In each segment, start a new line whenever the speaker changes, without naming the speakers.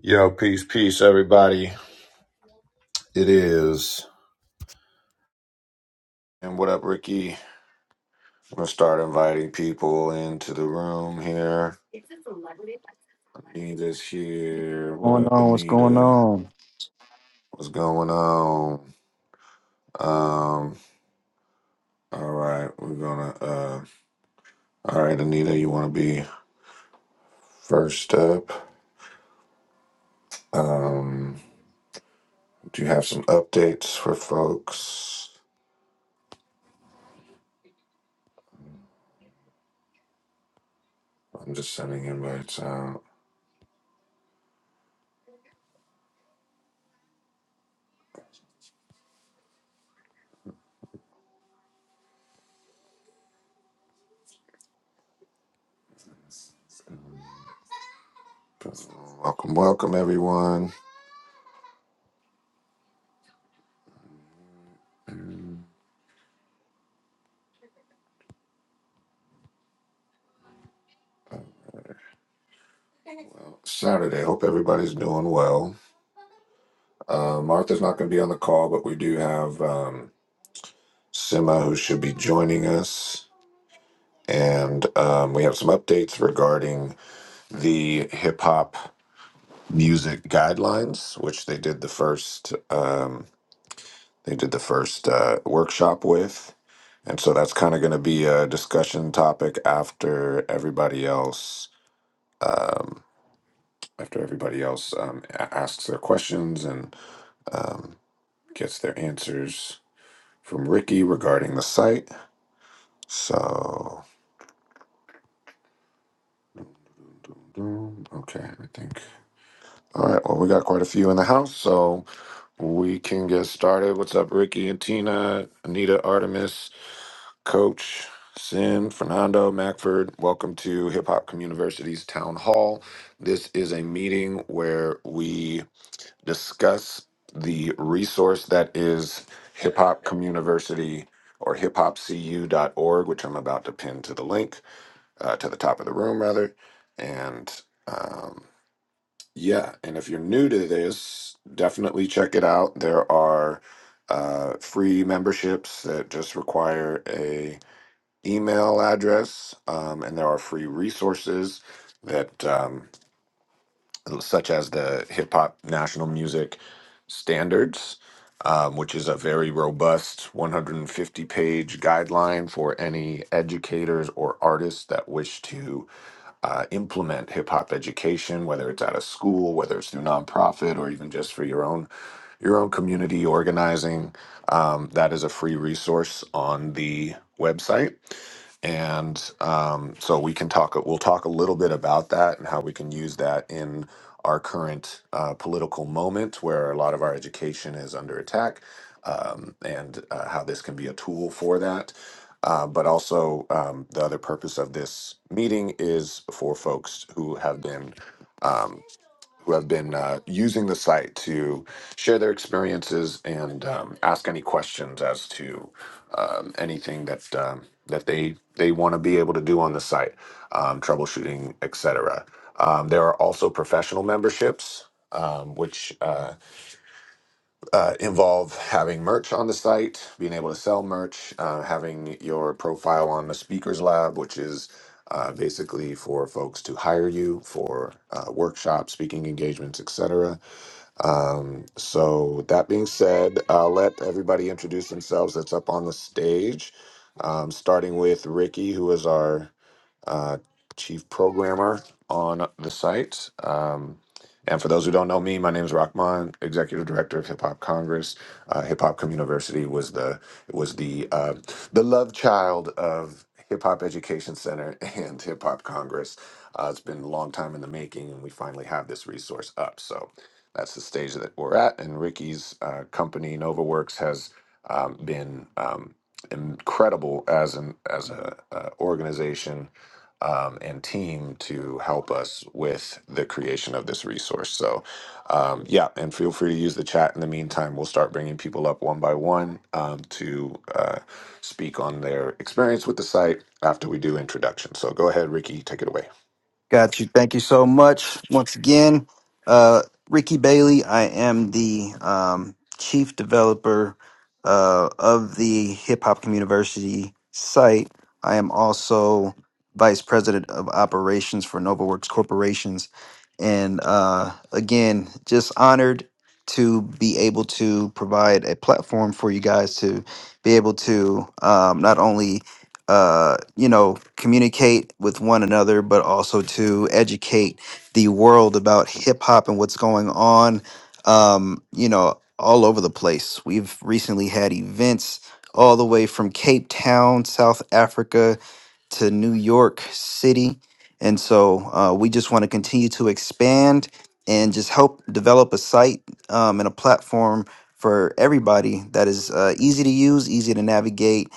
Yo, peace, peace, everybody. It is. And what up, Ricky? I'm gonna start inviting people into the room here. Anita's here. What
going
up,
on? What's going
Anita?
on?
What's going on? Um, all right, we're gonna uh all right, Anita, you wanna be first up? Um, do you have some updates for folks? I'm just sending invites out. Welcome, welcome everyone. Saturday. Hope everybody's doing well. Uh, Martha's not going to be on the call, but we do have um, Sima who should be joining us. And um, we have some updates regarding the hip hop music guidelines, which they did the first um, they did the first uh, workshop with, and so that's kind of going to be a discussion topic after everybody else um, after everybody else um, a- asks their questions and um, gets their answers from Ricky regarding the site. So, mm, okay, I think. All right, well, we got quite a few in the house, so we can get started. What's up, Ricky and Tina, Anita, Artemis, Coach, Sin, Fernando, Macford? Welcome to Hip Hop Communiversity's Town Hall. This is a meeting where we discuss the resource that is Hip Hop Communiversity or hiphopcu.org, which I'm about to pin to the link. uh, to the top of the room rather and um, yeah and if you're new to this definitely check it out there are uh, free memberships that just require a email address um, and there are free resources that um, such as the hip hop national music standards um, which is a very robust 150 page guideline for any educators or artists that wish to uh, implement hip hop education, whether it's out of school, whether it's through nonprofit, or even just for your own your own community organizing. Um, that is a free resource on the website. And um, so we can talk, we'll talk a little bit about that and how we can use that in our current uh, political moment where a lot of our education is under attack um, and uh, how this can be a tool for that. Uh, but also, um, the other purpose of this meeting is for folks who have been um, who have been uh, using the site to share their experiences and um, ask any questions as to um, anything that um, that they they want to be able to do on the site, um, troubleshooting, etc. Um, there are also professional memberships. Um, which uh, uh, involve having merch on the site, being able to sell merch, uh, having your profile on the Speakers Lab, which is uh, basically for folks to hire you for uh, workshops, speaking engagements, etc um, so that being said, I'll let everybody introduce themselves that's up on the stage. Um, starting with Ricky, who is our uh, chief programmer on the site. Um, and for those who don't know me, my name is Rahman, executive director of Hip Hop Congress. Uh, Hip Hop Community was the was the uh, the love child of Hip Hop Education Center and Hip Hop Congress. Uh, it's been a long time in the making, and we finally have this resource up. So that's the stage that we're at. And Ricky's uh, company NovaWorks has um, been um, incredible as an as a uh, organization um, and team to help us with the creation of this resource. So, um, yeah, and feel free to use the chat in the meantime. We'll start bringing people up one by one um, to uh, speak on their experience with the site after we do introductions. So, go ahead, Ricky, take it away.
Got you. Thank you so much once again, uh, Ricky Bailey. I am the um, chief developer uh, of the Hip Hop University site. I am also vice president of operations for NovaWorks Corporation. And uh, again, just honored to be able to provide a platform for you guys to be able to um, not only uh, you know communicate with one another, but also to educate the world about hip hop and what's going on. Um, you know, all over the place. We've recently had events all the way from Cape Town, South Africa, to New York City. And so uh, we just want to continue to expand and just help develop a site um, and a platform for everybody that is uh, easy to use, easy to navigate.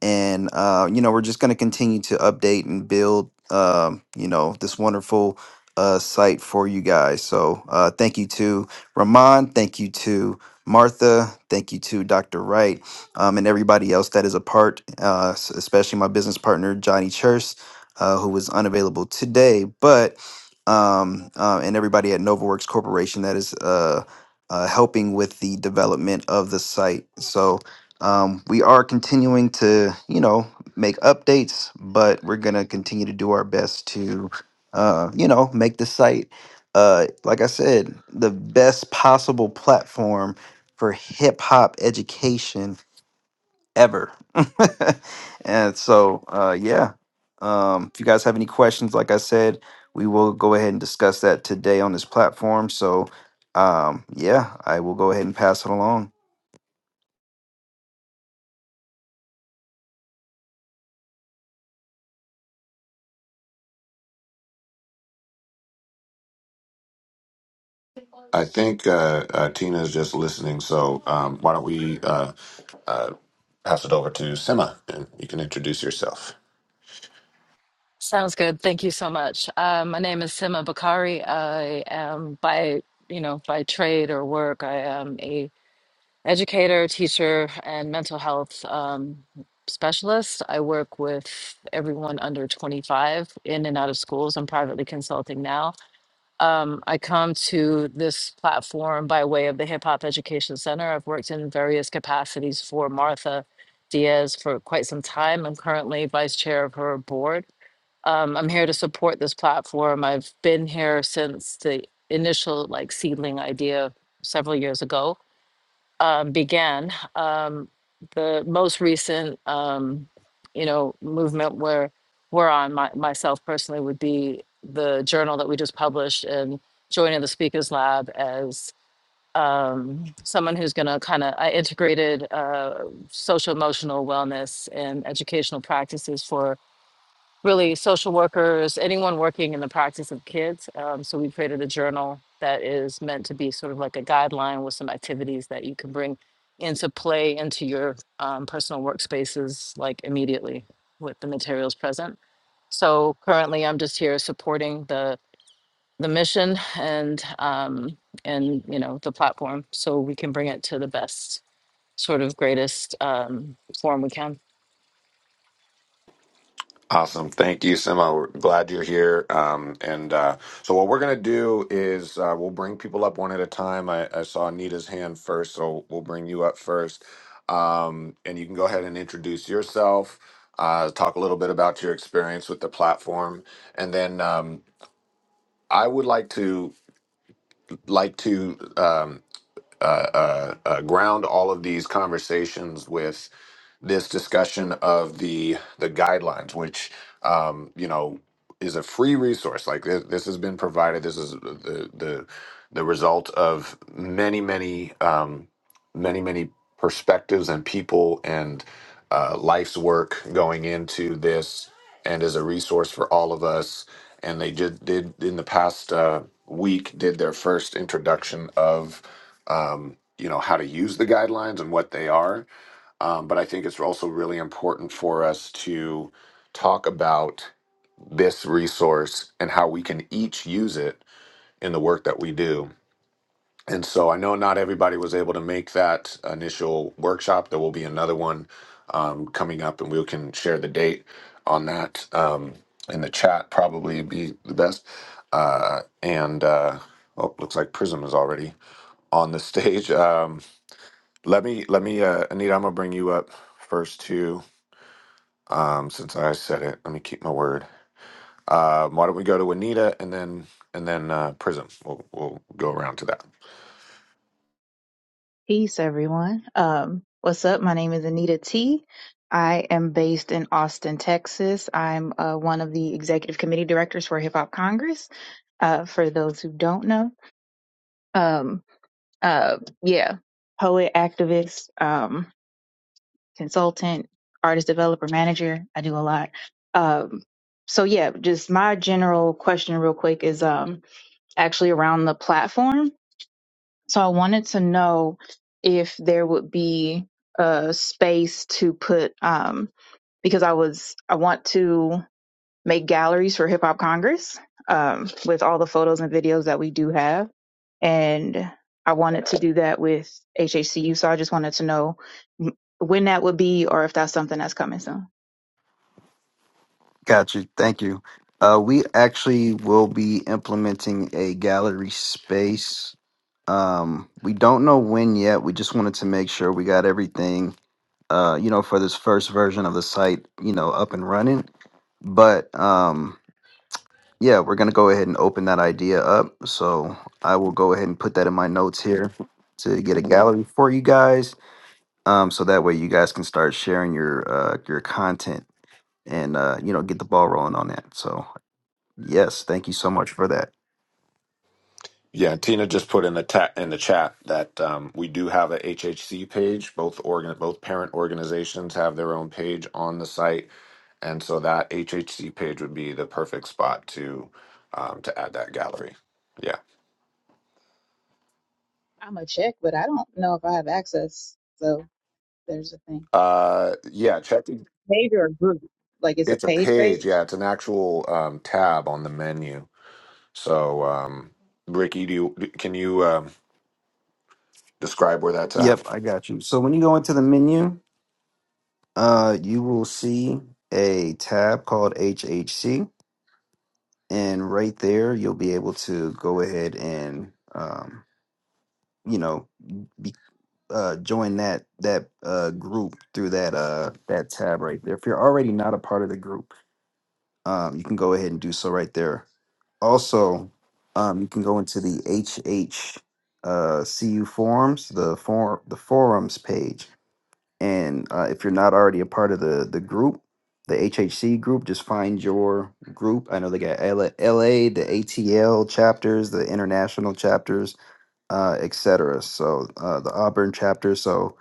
And, uh, you know, we're just going to continue to update and build, um, you know, this wonderful uh, site for you guys. So uh, thank you to Ramon. Thank you to Martha. Thank you to Dr. Wright um, and everybody else that is a part, uh, s- especially my business partner, Johnny Church, uh, who was unavailable today, but um, uh, and everybody at NovaWorks Corporation that is uh, uh, helping with the development of the site. So um, we are continuing to, you know, make updates, but we're going to continue to do our best to, uh, you know, make the site, uh, like I said, the best possible platform for hip hop education ever. and so, uh, yeah. Um, if you guys have any questions, like I said, we will go ahead and discuss that today on this platform. So, um, yeah, I will go ahead and pass it along.
I think uh, uh, Tina is just listening. So, um, why don't we uh, uh, pass it over to Sema and you can introduce yourself.
Sounds good. Thank you so much. Uh, my name is Sima Bakari. I am by, you know, by trade or work, I am a educator, teacher, and mental health um, specialist. I work with everyone under 25 in and out of schools. I'm privately consulting now. Um, I come to this platform by way of the Hip Hop Education Center. I've worked in various capacities for Martha Diaz for quite some time. I'm currently vice chair of her board. Um, I'm here to support this platform. I've been here since the initial like seedling idea several years ago um, began. Um, the most recent, um, you know, movement where we're on my, myself personally would be the journal that we just published and joining the Speakers Lab as um, someone who's going to kind of I integrated uh, social emotional wellness and educational practices for really social workers, anyone working in the practice of kids. Um, so we created a journal that is meant to be sort of like a guideline with some activities that you can bring into play into your um, personal workspaces, like immediately with the materials present. So currently, I'm just here supporting the the mission and um, and you know the platform, so we can bring it to the best sort of greatest um, form we can.
Awesome. Thank you, Sima. We're glad you're here. Um, and uh, so, what we're going to do is uh, we'll bring people up one at a time. I, I saw Anita's hand first, so we'll bring you up first. Um, and you can go ahead and introduce yourself, uh, talk a little bit about your experience with the platform. And then um, I would like to like to um, uh, uh, uh, ground all of these conversations this discussion of the the guidelines, which um, you know is a free resource. Like this, this has been provided. This is the the the result of many many um, many many perspectives and people and uh, life's work going into this, and is a resource for all of us. And they did did in the past uh, week did their first introduction of um, you know how to use the guidelines and what they are um, but I think it's also really important for us to talk about this resource and how we can each use it in the work that we do. And so I know not everybody was able to make that initial workshop. There will be another one um, coming up, and we can share the date on that um, in the chat, probably be the best. Uh, and uh, oh, looks like Prism is already on the stage. Um, let me, let me, uh, Anita, I'm gonna bring you up first too um, since I said it. Let me keep my word. Um, why don't we go to Anita and then and then uh, Prism? We'll we'll go around to that.
Peace, everyone. Um, what's up? My name is Anita T. I am based in Austin, Texas. I'm uh, one of the executive committee directors for Hip Hop Congress. Uh, for those who don't know, um, uh, yeah, poet, activist, um, consultant, artist, developer, manager. I do a lot. Um, so yeah, just my general question, real quick, is um, actually around the platform. So I wanted to know if there would be a space to put um because I was I want to make galleries for Hip Hop Congress um, with all the photos and videos that we do have. And I wanted to do that with HHCU. So I just wanted to know when that would be or if that's something that's coming soon.
Gotcha. Thank you. Uh, we actually will be implementing a gallery space. Um, we don't know when yet. We just wanted to make sure we got everything, uh, you know, for this first version of the site, you know, up and running but um Yeah, we're going to go ahead and open that idea up. So I will go ahead and put that in my notes here to get a gallery for you guys. Um, so that way you guys can start sharing your uh, your content and uh, you know get the ball rolling on that. So yes, thank you so much for that.
Yeah, and Tina just put in the ta- in the chat that um, we do have a HHC page. Both organ both parent organizations have their own page on the site, and so that HHC page would be the perfect spot to um, to add that gallery. Yeah,
I'm going to check, but I don't know if I have access. So there's a thing.
uh, yeah. Check.
Page or a group? Like it's a
It's a
page
page.
page?
Yeah, it's an actual um, tab on the menu So, um, Ricky, do you, can you um, describe where that's at?
Yep, I got you. So when you go into the menu, uh, you will see a tab called HHC, and right there you'll be able to go ahead and um, you know uh join that that uh group through that uh that tab right there. If you're already not a part of the group, um you can go ahead and do so right there. Also, um you can go into the HH uh CU forums, the forum the forums page. And uh, if you're not already a part of the the group, the HHC group, just find your group. I know they got LA, LA the ATL chapters, the international chapters uh, etc. So uh, the Auburn chapter. So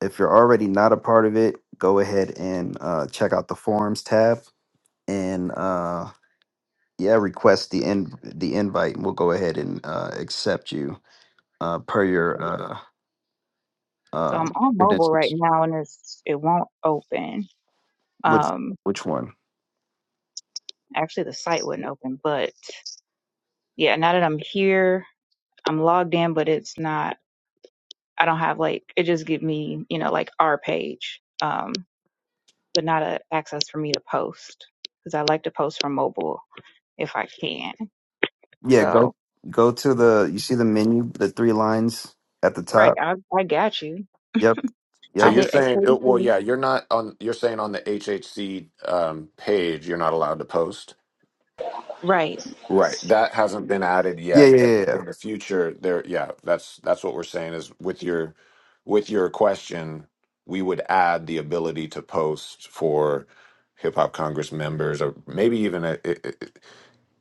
if you're already not a part of it, go ahead and uh, check out the forums tab and uh, yeah, request the in- the invite, and we'll go ahead and uh, accept you uh, per your
Okay.
uh,
So
um,
I'm on mobile right
credentials.
now and it's it won't open.
Which
Um
which one?
actually the site wouldn't open, but yeah, now that I'm here, I'm logged in, but it's not I don't have like it just give me, you know, like our page. Um but not a access for me to post cuz I like to post from mobile if I can.
Yeah, go
So,
go to the you see the menu, the three lines at the
right,
top.
I I got you.
Yep,
So
I
yep.
you're
hit
saying, uh, well,
8:33.
yeah, you're not on. You're saying on the HHC um, page, you're not allowed to post.
Right.
Right, that hasn't been added
Yeah,
yet,
yeah,
but
yeah. yeah.
in the future, there, yeah, that's that's what we're saying is with your with your question, we would add the ability to post for hip hop Congress members, or maybe even a,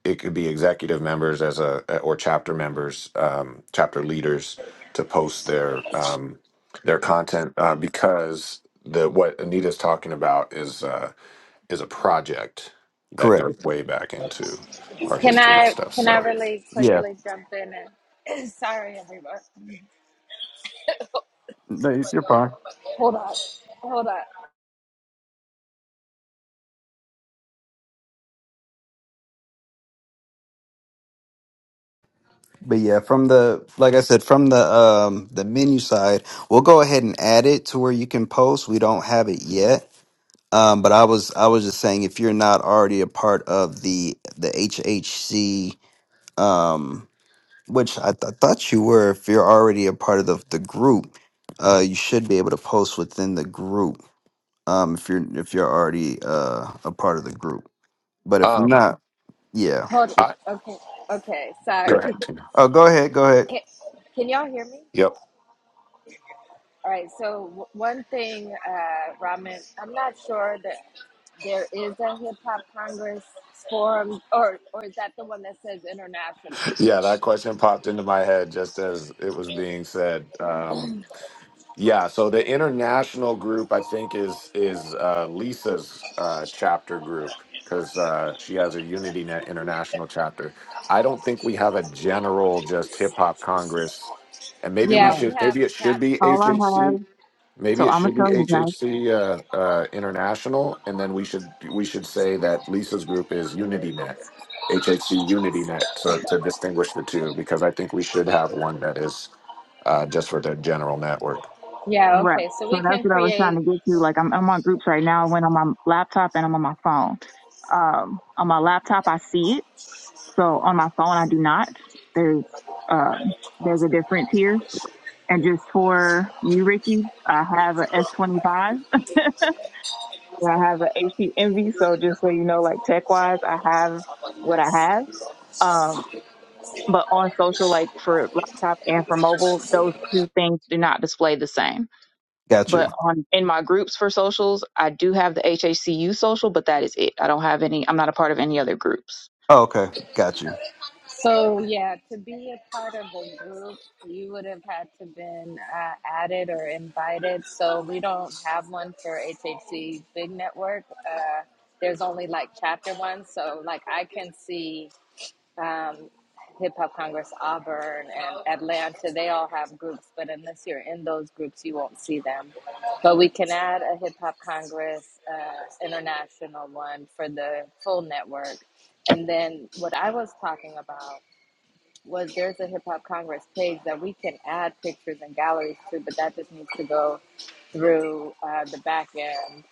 it could be executive members as a or chapter members, um, chapter leaders to post their um, their content uh, because the what Anita's talking about is uh, is a project that
Correct.
goes way back into our
Can
history and
I
stuff.
can I
So,
really
Yeah,
quickly jump in and sorry everyone.
no, you're fine.
Hold on. Hold on.
But yeah, from the like I said, from the um the menu side, we'll go ahead and add it to where you can post. We don't have it yet. Um, but I was I was just saying if you're not already a part of the the HHC um which I, th- I thought you were, if you're already a part of the the group, uh you should be able to post within the group. Um if you're if you're already uh a part of the group. But if
um,
not, yeah.
Hold
I
on. Okay. Okay.
Yeah.
go
Sorry.
ahead. Tina.
Oh go ahead, go ahead.
Can, can y'all hear me?
Yep,
All right. So w- one thing, uh, Ramen, I'm not sure that there is a hip hop congress forum, or or is that the one that says international?
yeah, that question popped into my head just as it was being said. Yeah, so the international group I think is is uh, Lisa's uh, chapter group because uh, she has a UnityNet international chapter. I don't think we have a general just hip hop congress, and maybe we
Yeah,
Right.
we
should.
have
Maybe it should
chat.
be
All I
HHC.
have. So
Maybe it
I'm gonna
should be
tell you guys.
HHC uh, uh, international, and then we should we should say that Lisa's group is UnityNet, HHC UnityNet, so to distinguish the two because I think we should have one that is uh, just for the general network.
Yeah.
Right.
Okay. So
So
we
that's
can
what I was trying
create
to get to. Like I'm, I'm on groups right now. I went on my laptop and I'm on my phone. Um, on my laptop, I see it. So on my phone, I do not. There's, uh, there's a difference here. And just for you, Ricky, I have a S25 and I have a HP Envy. So just so you know, like tech wise, I have what I have. Um, but on social, like for laptop and for mobile, those two things do not display the same.
Got
But
you.
on in my groups for socials, I do have the HHCU social, but that is it. I don't have any. I'm not a part of any other groups.
Oh, okay, got you.
So yeah, to be a part of the group, you would have had to been uh, added or invited. So we don't have one for HHC Big Network. Uh, there's only like chapter ones. So like I can see um, Hip Hop Congress Auburn and Atlanta. They all have groups, but unless you're in those groups, you won't see them. But we can add a Hip Hop Congress uh, International one for the full network. And then what I was talking about was there's a hip hop congress page that we can add pictures and galleries to, but that just needs to go through uh, the back end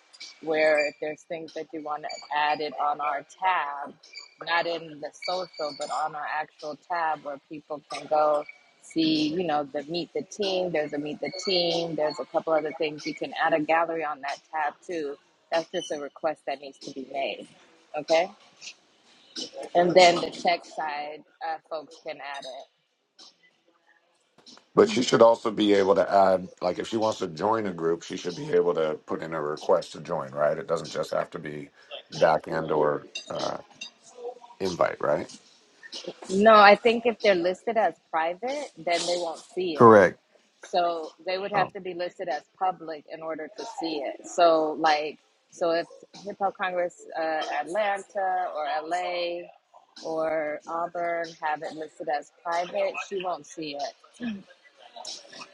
where if there's things that you want to add it on our tab, not in the social, but on our actual tab where people can go see, you know, the meet the team, there's a meet the team, there's a couple other things. You can add a gallery on that tab too. That's just a request that needs to be made. Okay. And then the tech side uh, folks can add it.
But she should also be able to add, like, if she wants to join a group, she should be able to put in a request to join, right? It doesn't just have to be back end or uh, invite, right?
No, I think if they're listed as private, then they won't see it.
Correct.
So they would have
Oh.
to be listed as public in order to see it. So like, so if Hip Hop Congress uh, Atlanta or LA or Auburn have it listed as private, she won't see it.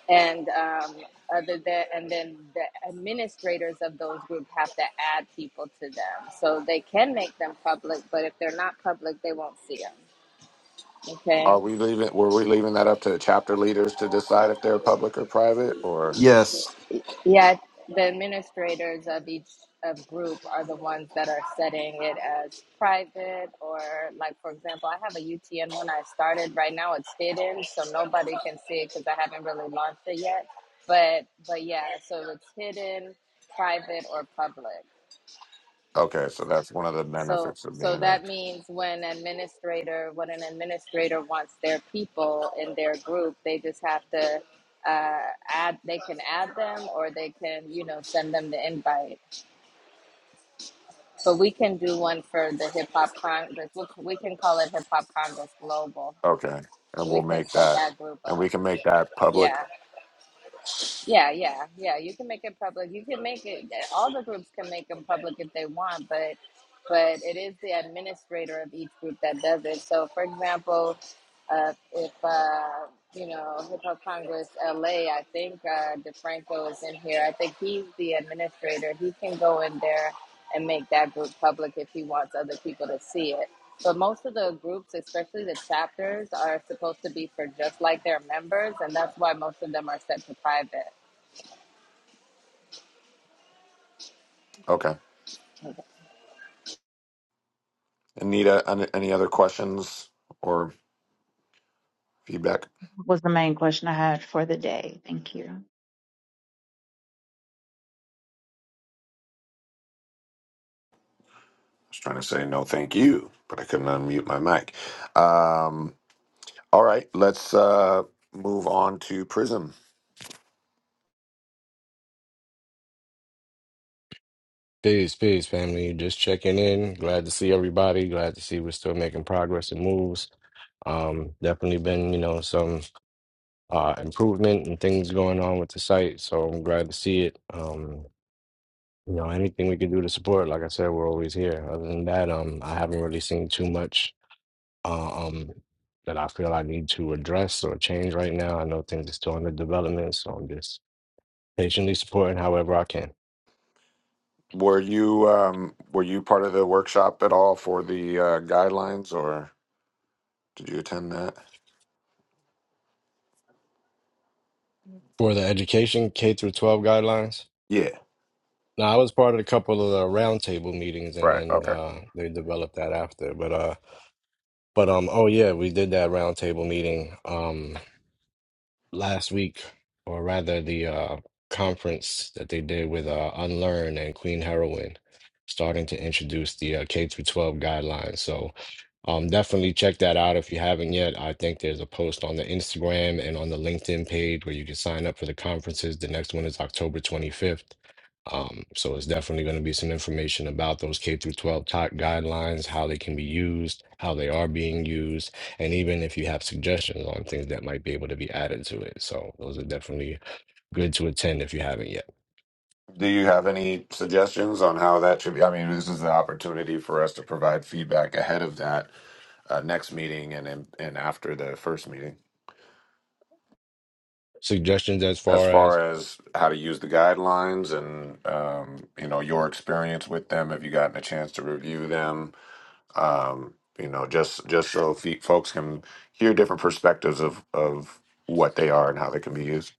And um, other than, and then the administrators of those groups have to add people to them, so they can make them public. But if they're not public, they won't see them. Okay.
Are we leaving? Were we leaving that up to the chapter leaders to decide if they're public or private? Or
Yes.
Yeah, the administrators of each of group are the ones that are setting it as private or like for example, I have a UTN when I started. Right now it's hidden, so nobody can see it because I haven't really launched it yet. But but yeah, so it's hidden, private or public.
okay, so that's one of the
So,
benefits of
so
being a
that means when administrator, when an administrator wants their people in their group, they just have to uh, add. They can add them, or they can, you know, send them the invite. But we can do one for the Hip Hop Congress. We we can call it Hip Hop Congress Global.
okay, and
So
we'll
we can
make
set
that,
that group
and we
up.
can make that public.
Yeah. Yeah, yeah, yeah. You can make it public. You can make it. eh, All the groups can make them public if they want, but but it is the administrator of each group that does it. So, for example, uh, if uh, you know Hip Hop Congress LA, I think uh, DeFranco is in here. I think he's the administrator. He can go in there and make that group public if he wants other people to see it. But most of the groups, especially the chapters, are supposed to be for just like their members, and that's why most of them are set to private.
Okay, Anita, an- any other questions or feedback? I
What was the main question I had for the day? Thank you.
was trying to say no, thank you, but I couldn't unmute my mic. Um, All right, let's uh, move on to Prism.
Peace, peace, family. Just checking in. Glad to see everybody. Glad to see we're still making progress and moves. Um, definitely been, you know, some uh improvement and things going on with the site. So I'm glad to see it. Um, you know, anything we can do to support, like I said, we're always here. Other than that, um, I haven't really seen too much uh, um that I feel I need to address or change right now. I know things are still under development, so I'm just patiently supporting however I can.
Were you um, were you part of the workshop at all for the uh, guidelines, or did you attend that?
For the education K through 12 guidelines.
Yeah.
No, I was part of a couple of the roundtable meetings, and
Right.
then
Okay.
uh, they developed that after. But uh, but um, oh yeah, we did that roundtable meeting. Um, last week, or rather the uh, conference that they did with uh, Unlearn and Queen Heroine, starting to introduce the uh, K through 12 guidelines. So um, definitely check that out if you haven't yet. I think there's a post on the Instagram and on the LinkedIn page where you can sign up for the conferences. The next one is October 25th. Um, so it's definitely going to be some information about those K through 12 top guidelines, how they can be used, how they are being used and even if you have suggestions on things that might be able to be added to it. So those are definitely good to attend if you haven't yet.
Do you have any suggestions on how that should be? I mean, this is the opportunity for us to provide feedback ahead of that uh, next meeting and in, and after the first meeting,
Suggestions as
as
far as
far as how to use the guidelines and um, you know your experience with them. Have you gotten a chance to review them? um, you know, just just so fe- folks can hear different perspectives of of what they are and how they can be used.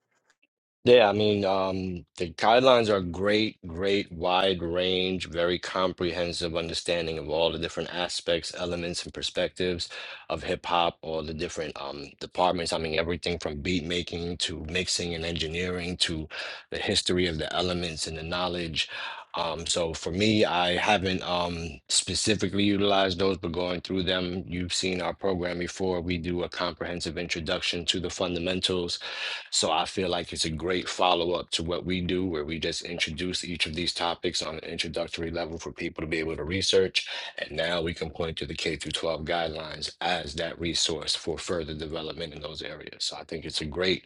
Yeah, I mean, um, the guidelines are great, great wide range, very comprehensive understanding of all the different aspects, elements, and perspectives of hip hop, all the different um, departments. I mean, everything from beat making to mixing and engineering to the history of the elements and the knowledge. Um, so for me, I haven't um, specifically utilized those, but going through them, you've seen our program before. We do a comprehensive introduction to the fundamentals so I feel like it's a great follow up to what we do, where we just introduce each of these topics on an introductory level for people to be able to research. And now we can point to the K through 12 guidelines as that resource for further development in those areas. So I think it's a great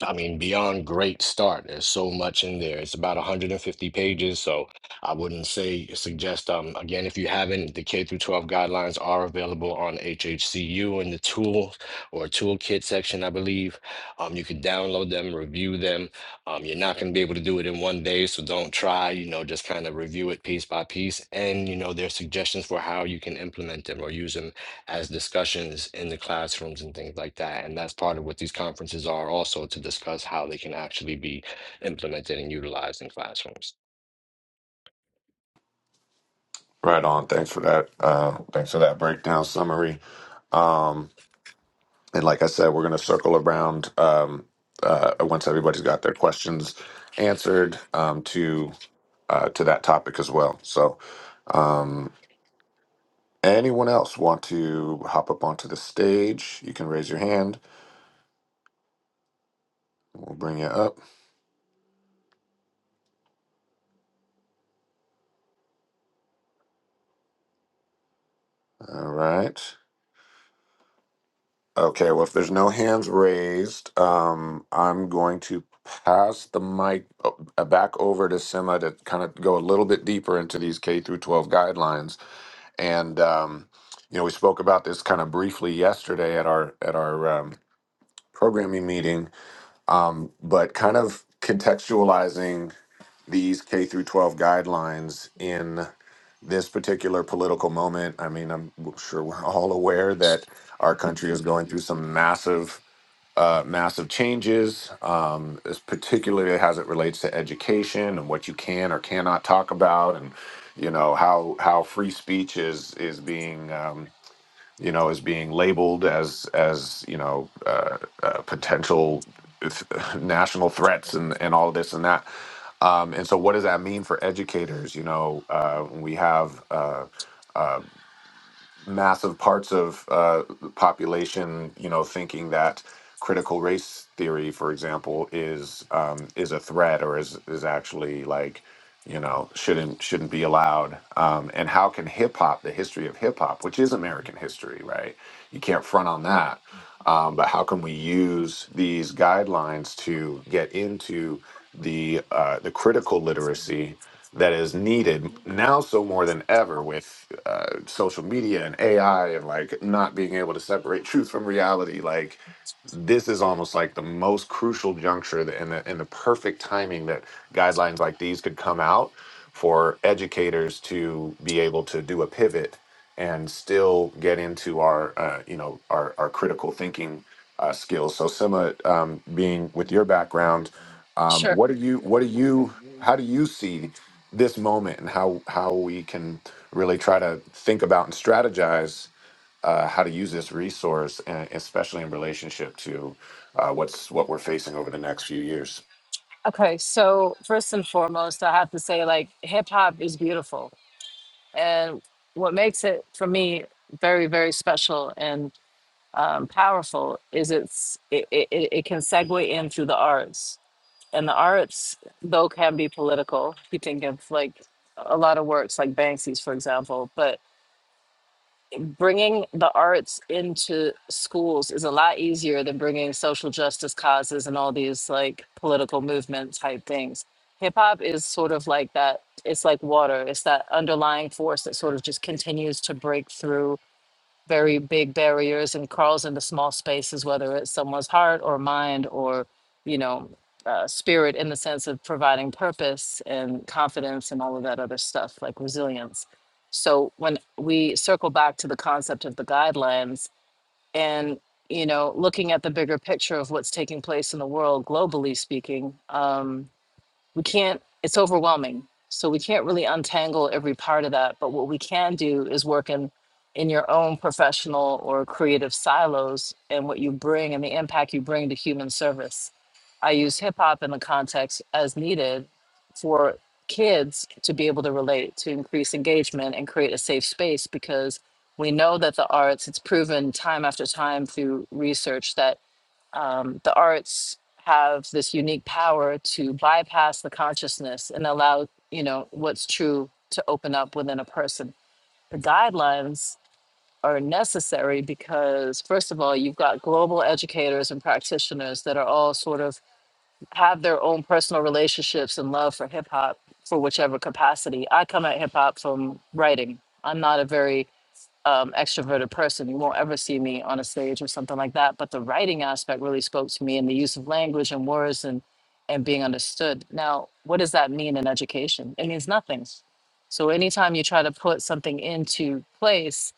I mean, beyond great start. There's so much in there. It's about 150 pages, so I wouldn't say suggest. Um, again, if you haven't, the K through 12 guidelines are available on HHCU in the tool or toolkit section, I believe. Um, you can download them, review them. Um, you're not going to be able to do it in one day, so don't try. You know, just kind of review it piece by piece, and you know, there's suggestions for how you can implement them or use them as discussions in the classrooms and things like that. And that's part of what these conferences are also to discuss how they can actually be implemented and utilized in classrooms.
Right on. Thanks for that. Uh, thanks for that breakdown summary. Um, and like I said, we're gonna circle around um, uh, once everybody's got their questions answered um, to uh, to that topic as well. So, anyone else want to hop up onto the stage? You can raise your hand. We'll bring you up. All right. Okay, well, if there's no hands raised, um, I'm going to pass the mic o- uh, back over to Sima to kind of go a little bit deeper into these K through 12 guidelines. And um, you know, we spoke about this kind of briefly yesterday at our at our um, programming meeting, um, but kind of contextualizing these K through 12 guidelines in this particular political moment. I mean, I'm sure we're all aware that our country is going through some massive uh, massive changes, um, is particularly as it relates to education and what you can or cannot talk about, and you know how how free speech is is being um, you know is being labeled as as you know uh, uh, potential th- national threats and and all this and that. Um, and so, what does that mean for educators? You know, uh, we have. Uh, uh, massive parts of uh, the population, you know, thinking that critical race theory, for example, is um, is a threat or is is actually like, you know, shouldn't shouldn't be allowed. Um, and how can hip hop, the history of hip hop, which is American history, right? You can't front on that. Um, but how can we use these guidelines to get into the uh, the critical literacy that is needed now so more than ever with uh, social media and AI and like not being able to separate truth from reality. Like this is almost like the most crucial juncture that, and the and the perfect timing that guidelines like these could come out for educators to be able to do a pivot and still get into our uh, you know our our critical thinking uh, skills. So Sima, um, being with your background, um,
Sure.
what are you what are you how do you see this moment and how how we can really try to think about and strategize uh, how to use this resource, and especially in relationship to uh, what's what we're facing over the next few years.
Okay, so first and foremost, I have to say, like, hip hop is beautiful. And what makes it, for me, very, very special and um, powerful is it's it, it, it it can segue in through the arts. And the arts, though, can be political. You think of like a lot of works, like Banksy's, for example. but bringing the arts into schools is a lot easier than bringing social justice causes and all these like political movement type things. Hip hop is sort of like that. It's like water. It's that underlying force that sort of just continues to break through very big barriers and crawls into small spaces, whether it's someone's heart or mind or, you know, uh, spirit in the sense of providing purpose and confidence and all of that other stuff, like resilience. So when we circle back to the concept of the guidelines and, you know, looking at the bigger picture of what's taking place in the world, globally speaking, um, we can't it's overwhelming so we can't really untangle every part of that but what we can do is work in in your own professional or creative silos and what you bring and the impact you bring to human service i use hip hop in the context as needed for kids to be able to relate to increase engagement and create a safe space because we know that the arts it's proven time after time through research that um, the arts have this unique power to bypass the consciousness and allow you know what's true to open up within a person the guidelines are necessary because first of all you've got global educators and practitioners that are all sort of have their own personal relationships and love for hip hop for whichever capacity i come at hip hop from writing i'm not a very um, extroverted person. You won't ever see me on a stage or something like that. But the writing aspect really spoke to me and the use of language and words and, and being understood. Now, what does that mean in education? It means nothing. So anytime you try to put something into place,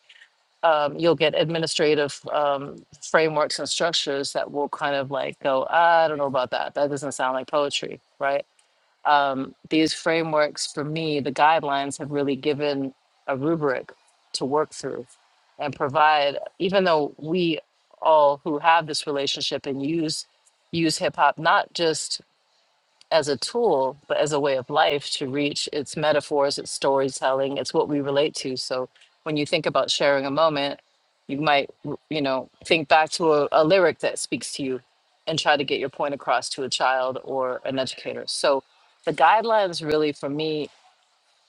um, you'll get administrative um, frameworks and structures that will kind of like go, "Ah, I don't know about that. That doesn't sound like poetry, right? um, these frameworks for me, the guidelines have really given a rubric to work through and provide, even though we all who have this relationship and use use hip hop not just as a tool, but as a way of life to reach its metaphors, its storytelling, it's what we relate to. So when you think about sharing a moment, you might, you know, think back to a, a lyric that speaks to you and try to get your point across to a child or an educator. So the guidelines really for me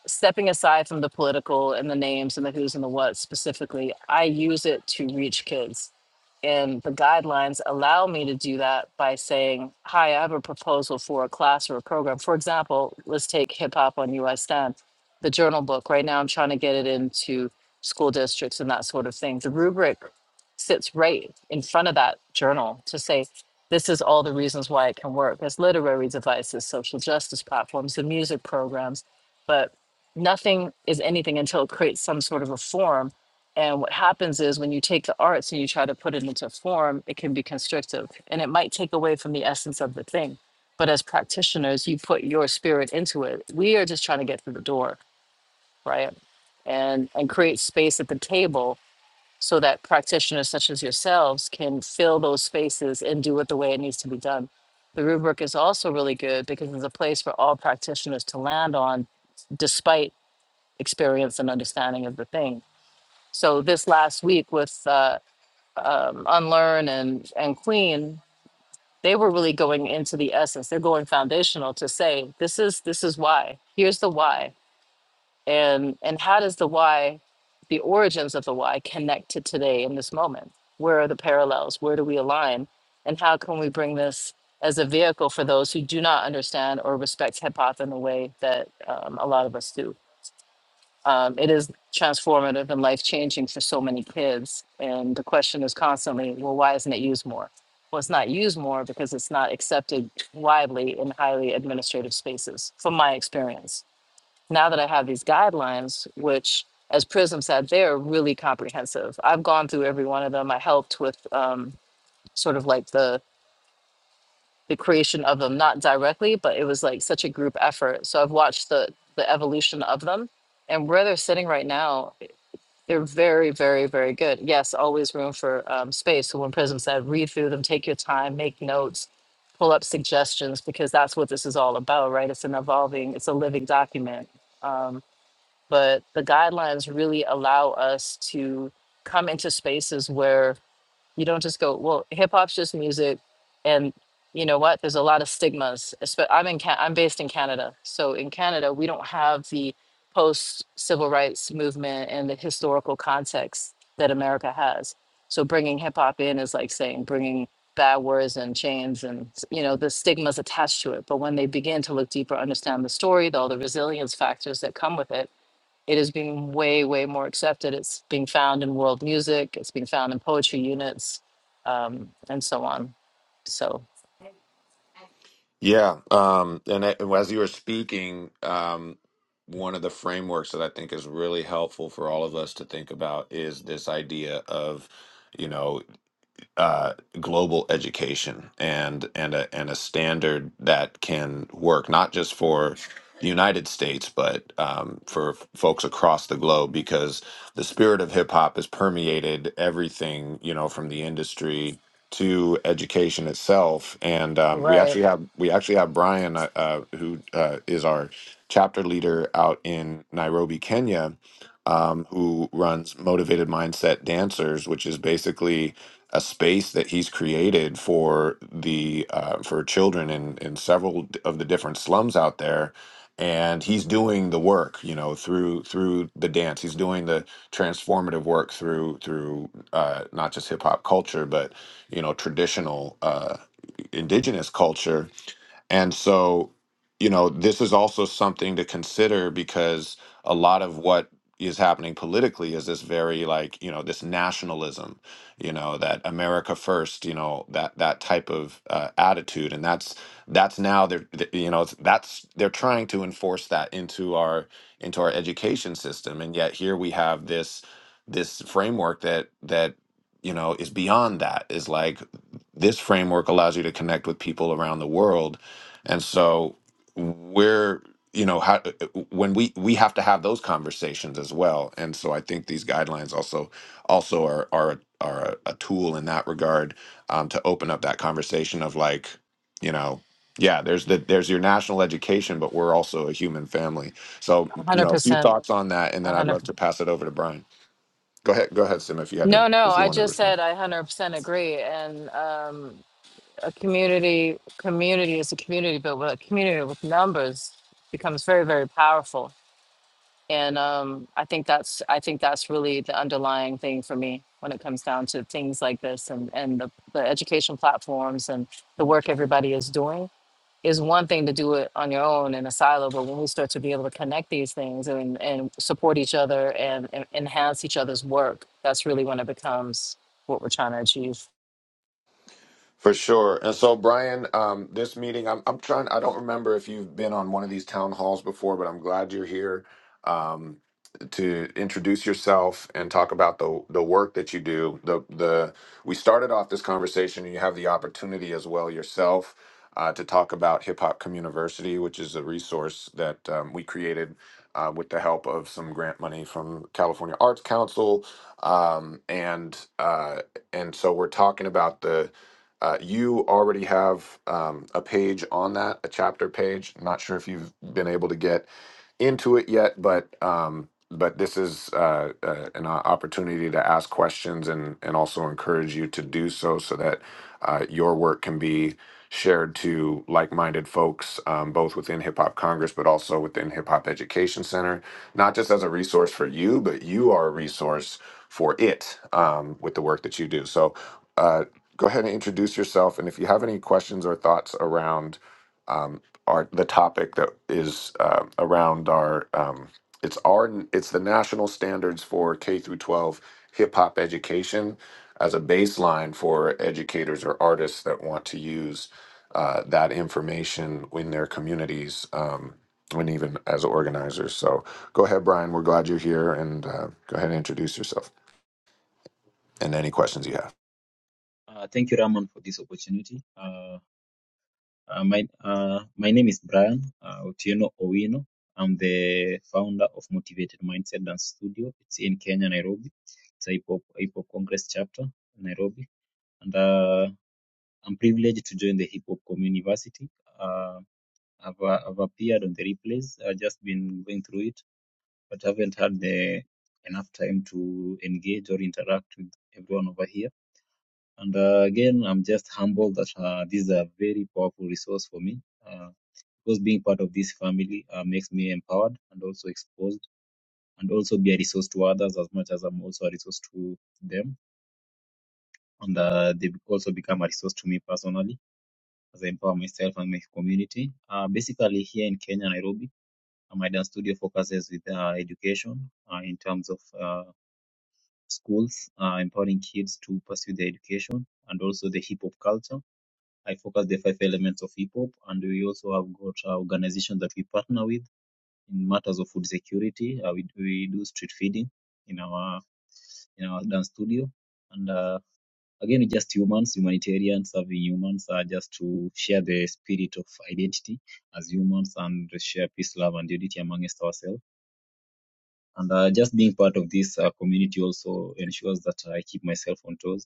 stepping aside from the political and the names and the who's and the what specifically, I use it to reach kids. And the guidelines allow me to do that by saying, Hi, I have a proposal for a class or a program. For example, let's take hip hop on US 10, the journal book. Right now, I'm trying to get it into school districts and that sort of thing. The rubric sits right in front of that journal to say, this is all the reasons why it can work as literary devices, social justice platforms, the music programs. But nothing is anything until it creates some sort of a form. And what happens is when you take the arts and you try to put it into form, it can be constrictive and it might take away from the essence of the thing. But as practitioners, you put your spirit into it. We are just trying to get through the door, right? And and create space at the table so that practitioners such as yourselves can fill those spaces and do it the way it needs to be done. The rubric is also really good because it's a place for all practitioners to land on despite experience and understanding of the thing. So this last week with uh, um, Unlearn and and Queen, they were really going into the essence. They're going foundational to say this is this is why. Here's the why, and and how does the why, the origins of the why, connect to today in this moment? Where are the parallels? Where do we align? And how can we bring this as a vehicle for those who do not understand or respect hip hop in the way that um, a lot of us do? um, it is transformative and life changing for so many kids. And the question is constantly, well, why isn't it used more? Well, it's not used more because it's not accepted widely in highly administrative spaces, from my experience. Now that I have these guidelines, which as Prism said, they're really comprehensive. I've gone through every one of them. I helped with um, sort of like the the creation of them, not directly, but it was like such a group effort. So I've watched the the evolution of them and where they're sitting right now they're very, very, very good. Yes, always room for um, space. So when Prism said, read through them, take your time, make notes, pull up suggestions, because that's what this is all about, right? It's an evolving, it's a living document. Um, but the guidelines really allow us to come into spaces where you don't just go, well, hip hop's just music, and you know what? There's a lot of stigmas. espe- I'm in, Ca- I'm based in Canada, so in Canada we don't have the post civil rights movement and the historical context that America has. So bringing hip hop in is like saying bringing bad words and chains and you know the stigmas attached to it. But when they begin to look deeper, understand the story, the, all the resilience factors that come with it it is being way, way more accepted. It's being found in world music, it's being found in poetry units, um, and so on. So,
Yeah, um, and it- as you were speaking, um, one of the frameworks that I think is really helpful for all of us to think about is this idea of, you know. uh, global education and and a and a standard that can work not just for the United States but um, for f- folks across the globe because the spirit of hip hop has permeated everything you know from the industry to education itself and um, we
right,
actually have we actually have Brian uh, uh, who uh, is our chapter leader out in Nairobi Kenya um, who runs Motivated Mindset Dancers which is basically a space that he's created for the uh, for children in in several d- of the different slums out there and he's doing the work you know through through the dance he's doing the transformative work through through uh, not just hip hop culture but you know traditional uh, indigenous culture and so, you know, this is also something to consider because a lot of what is happening politically is this very like, you know, this nationalism, you know, that America first, you know, that that type of uh, attitude and that's that's now they're th- you know, it's- that's they're trying to enforce that into our into our education system and yet here we have this this framework that that you know is beyond that is like this framework allows you to connect with people around the world and so we're, you know, how when we we have to have those conversations as well. And so I think these guidelines also also are are are a tool in that regard um, to open up that conversation of like, you know, yeah, there's the there's your national education, but we're also a human family. So you know, a few
100%.
thoughts on that, and then I'd
100
love to pass it over to Brian. Go ahead, go ahead, Sim, if you had to
No, no,
if you
I
wanted to
just
respond.
said I 100% agree. And um, a community, community is a community, but with a community with numbers becomes very, very powerful and um, I think that's I think that's really the underlying thing for me when it comes down to things like this and and the, the education platforms and the work everybody is doing is one thing to do it on your own in a silo, but when we start to be able to connect these things and and support each other and, and enhance each other's work, that's really when it becomes what we're trying to achieve.
For sure. And so, Brian, um, this meeting, I'm, I'm trying, I don't remember if you've been on one of these town halls before, but I'm glad you're here um, to introduce yourself and talk about the, the work that you do. The, the, we started off this conversation, and you have the opportunity as well yourself uh, to talk about Hip Hop Communiversity, which is a resource that um, we created uh, with the help of some grant money from California Arts Council. Um, and, uh, and so we're talking about the, uh, you already have um, a page on that, a chapter page. Not sure if you've been able to get into it yet, but um, but this is uh, uh, an o- opportunity to ask questions and and also encourage you to do so, so that uh, your work can be shared to like-minded folks, um, both within Hip Hop Congress, but also within Hip Hop Education Center. Not just as a resource for you, but you are a resource for it um, with the work that you do. So. Uh, go ahead and introduce yourself. And if you have any questions or thoughts around um, our the topic that is uh, around our um, it's our it's the national standards for K through 12 hip hop education as a baseline for educators or artists that want to use uh, that information in their communities. Um, and even as organizers. So go ahead, Brian. We're glad you're here and uh, go ahead and introduce yourself and any questions you have.
Uh, thank you, Raman, for this opportunity. Uh, uh, my uh, my name is Brian uh, Otieno Owino. I'm the founder of Motivated Mindset Dance Studio. It's in Kenya, Nairobi. It's a hip hop hip hop congress chapter, in Nairobi, and uh, I'm privileged to join the Hip Hop Community University. Uh, I've, uh, I've appeared on the replays. I've just been going through it, but haven't had the enough time to engage or interact with everyone over here And uh, again, I'm just humbled that uh, this is a very powerful resource for me uh, because being part of this family uh, makes me empowered and also exposed and also be a resource to others as much as I'm also a resource to them. And uh, they also become a resource to me personally as I empower myself and my community. Uh, basically, here in Kenya, Nairobi, uh, my dance studio focuses with uh, education uh, in terms of uh, schools, uh, empowering kids to pursue their education and also the hip hop culture I focus the five elements of hip hop, and we also have got uh, organizations that we partner with in matters of food security. Uh, we, we do street feeding in our in our dance studio, and uh, again, we're just humans, humanitarians, serving humans, uh, just to share the spirit of identity as humans and share peace, love, and unity amongst ourselves. And uh, just being part of this uh, community also ensures that I keep myself on toes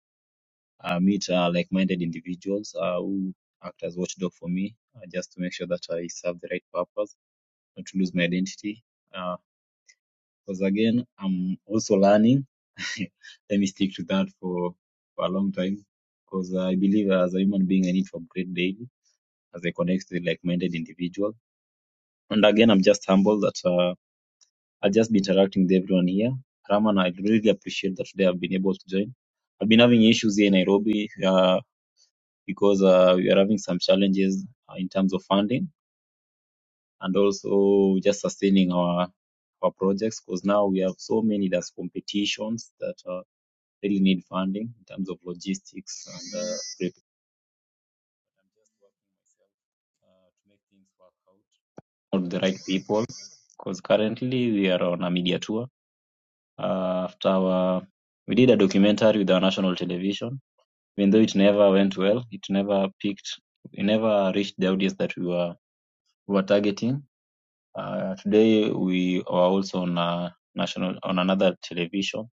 uh, meet uh, like-minded individuals uh, who act as watchdog for me, uh, just to make sure that I serve the right purpose, not to lose my identity. Because again, I'm also learning. Let me stick to that for, for a long time. Because I believe as a human being, I need to upgrade daily as I connect with like-minded individuals. And again, I'm just humble that uh, I'll just be interacting with everyone here. Raman, I really appreciate that today I've been able to join. I've been having issues here in Nairobi. Uh, because uh, we are having some challenges uh, in terms of funding and also just sustaining our our projects because now we have so many that's competitions that uh, really need funding in terms of logistics and uh, prep. I'm just working myself uh, to make things work out for the right people because currently we are on a media tour uh, after our we did a documentary with our national television even though it never went well it never picked it never reached the audience that we were we were targeting Uh, today we were also on a national on another television.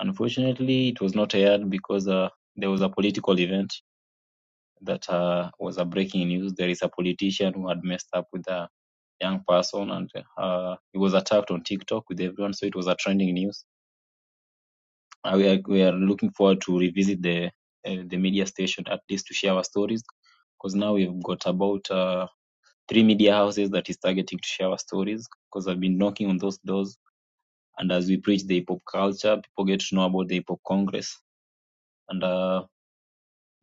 Unfortunately, it was not aired because uh, there was a political event that uh, was a breaking news. There is a politician who had messed up with a young person, and uh, he was attacked on TikTok with everyone. So it was a trending news. Uh, we are we are looking forward to revisit the uh, the media station at least to share our stories because now we've got about uh, three media houses that is targeting to share our stories because I've been knocking on those doors and as we preach the hip hop culture, people get to know about the hip hop congress and uh,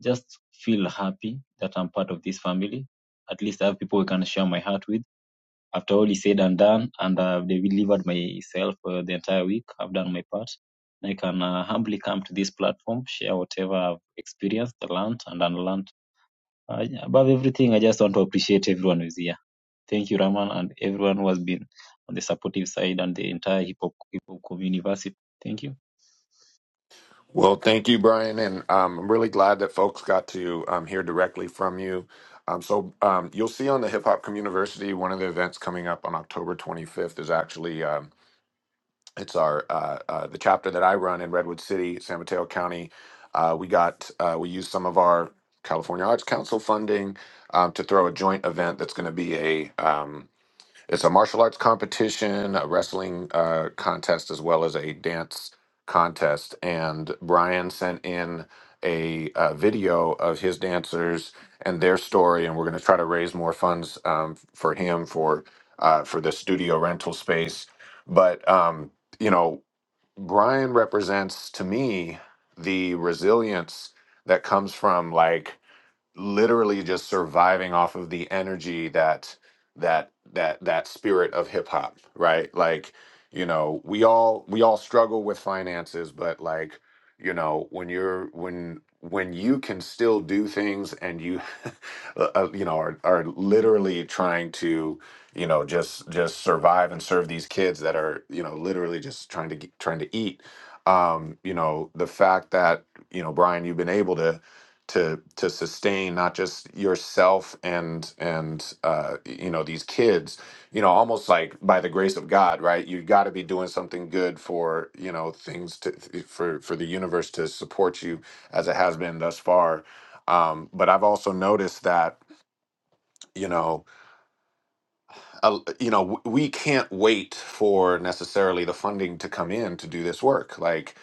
just feel happy that I'm part of this family. At least I have people I can share my heart with. After all is said and done, and I've delivered myself uh, the entire week, I've done my part. And I can uh, humbly come to this platform, share whatever I've experienced, learned, and unlearned. Uh, yeah, above everything, I just want to appreciate everyone who's here. Thank you, Raman, and everyone who has been on the supportive side and the entire hip hop hip hop community. Thank you.
Well, thank you, Brian, and um, I'm really glad that folks got to um, hear directly from you. Um, so um, you'll see on the Hip Hop Community, one of the events coming up on October 25th is actually um, it's our uh, uh, the chapter that I run in Redwood City, San Mateo County. Uh, we got uh, we used some of our California Arts Council funding um, to throw a joint event that's going to be a um, it's a martial arts competition, a wrestling uh, contest, as well as a dance contest. And Brian sent in a, uh video of his dancers and their story, and we're going to try to raise more funds um, for him for uh, for the studio rental space. But um, you know, Brian represents to me the resilience that comes from like literally just surviving off of the energy that that that that spirit of hip hop, right? Like, you know, we all we all struggle with finances, but like, you know, when you're when when you can still do things and you uh, uh, you know are are literally trying to you know just just survive and serve these kids that are you know literally just trying to get, trying to eat um you know the fact that you know Brian you've been able to to to sustain not just yourself and and uh, you know these kids you know almost like by the grace of god right you got to be doing something good for you know things to for for the universe to support you as it has been thus far um, but i've also noticed that you know uh, you know, w- we can't wait for necessarily the funding to come in to do this work. Like,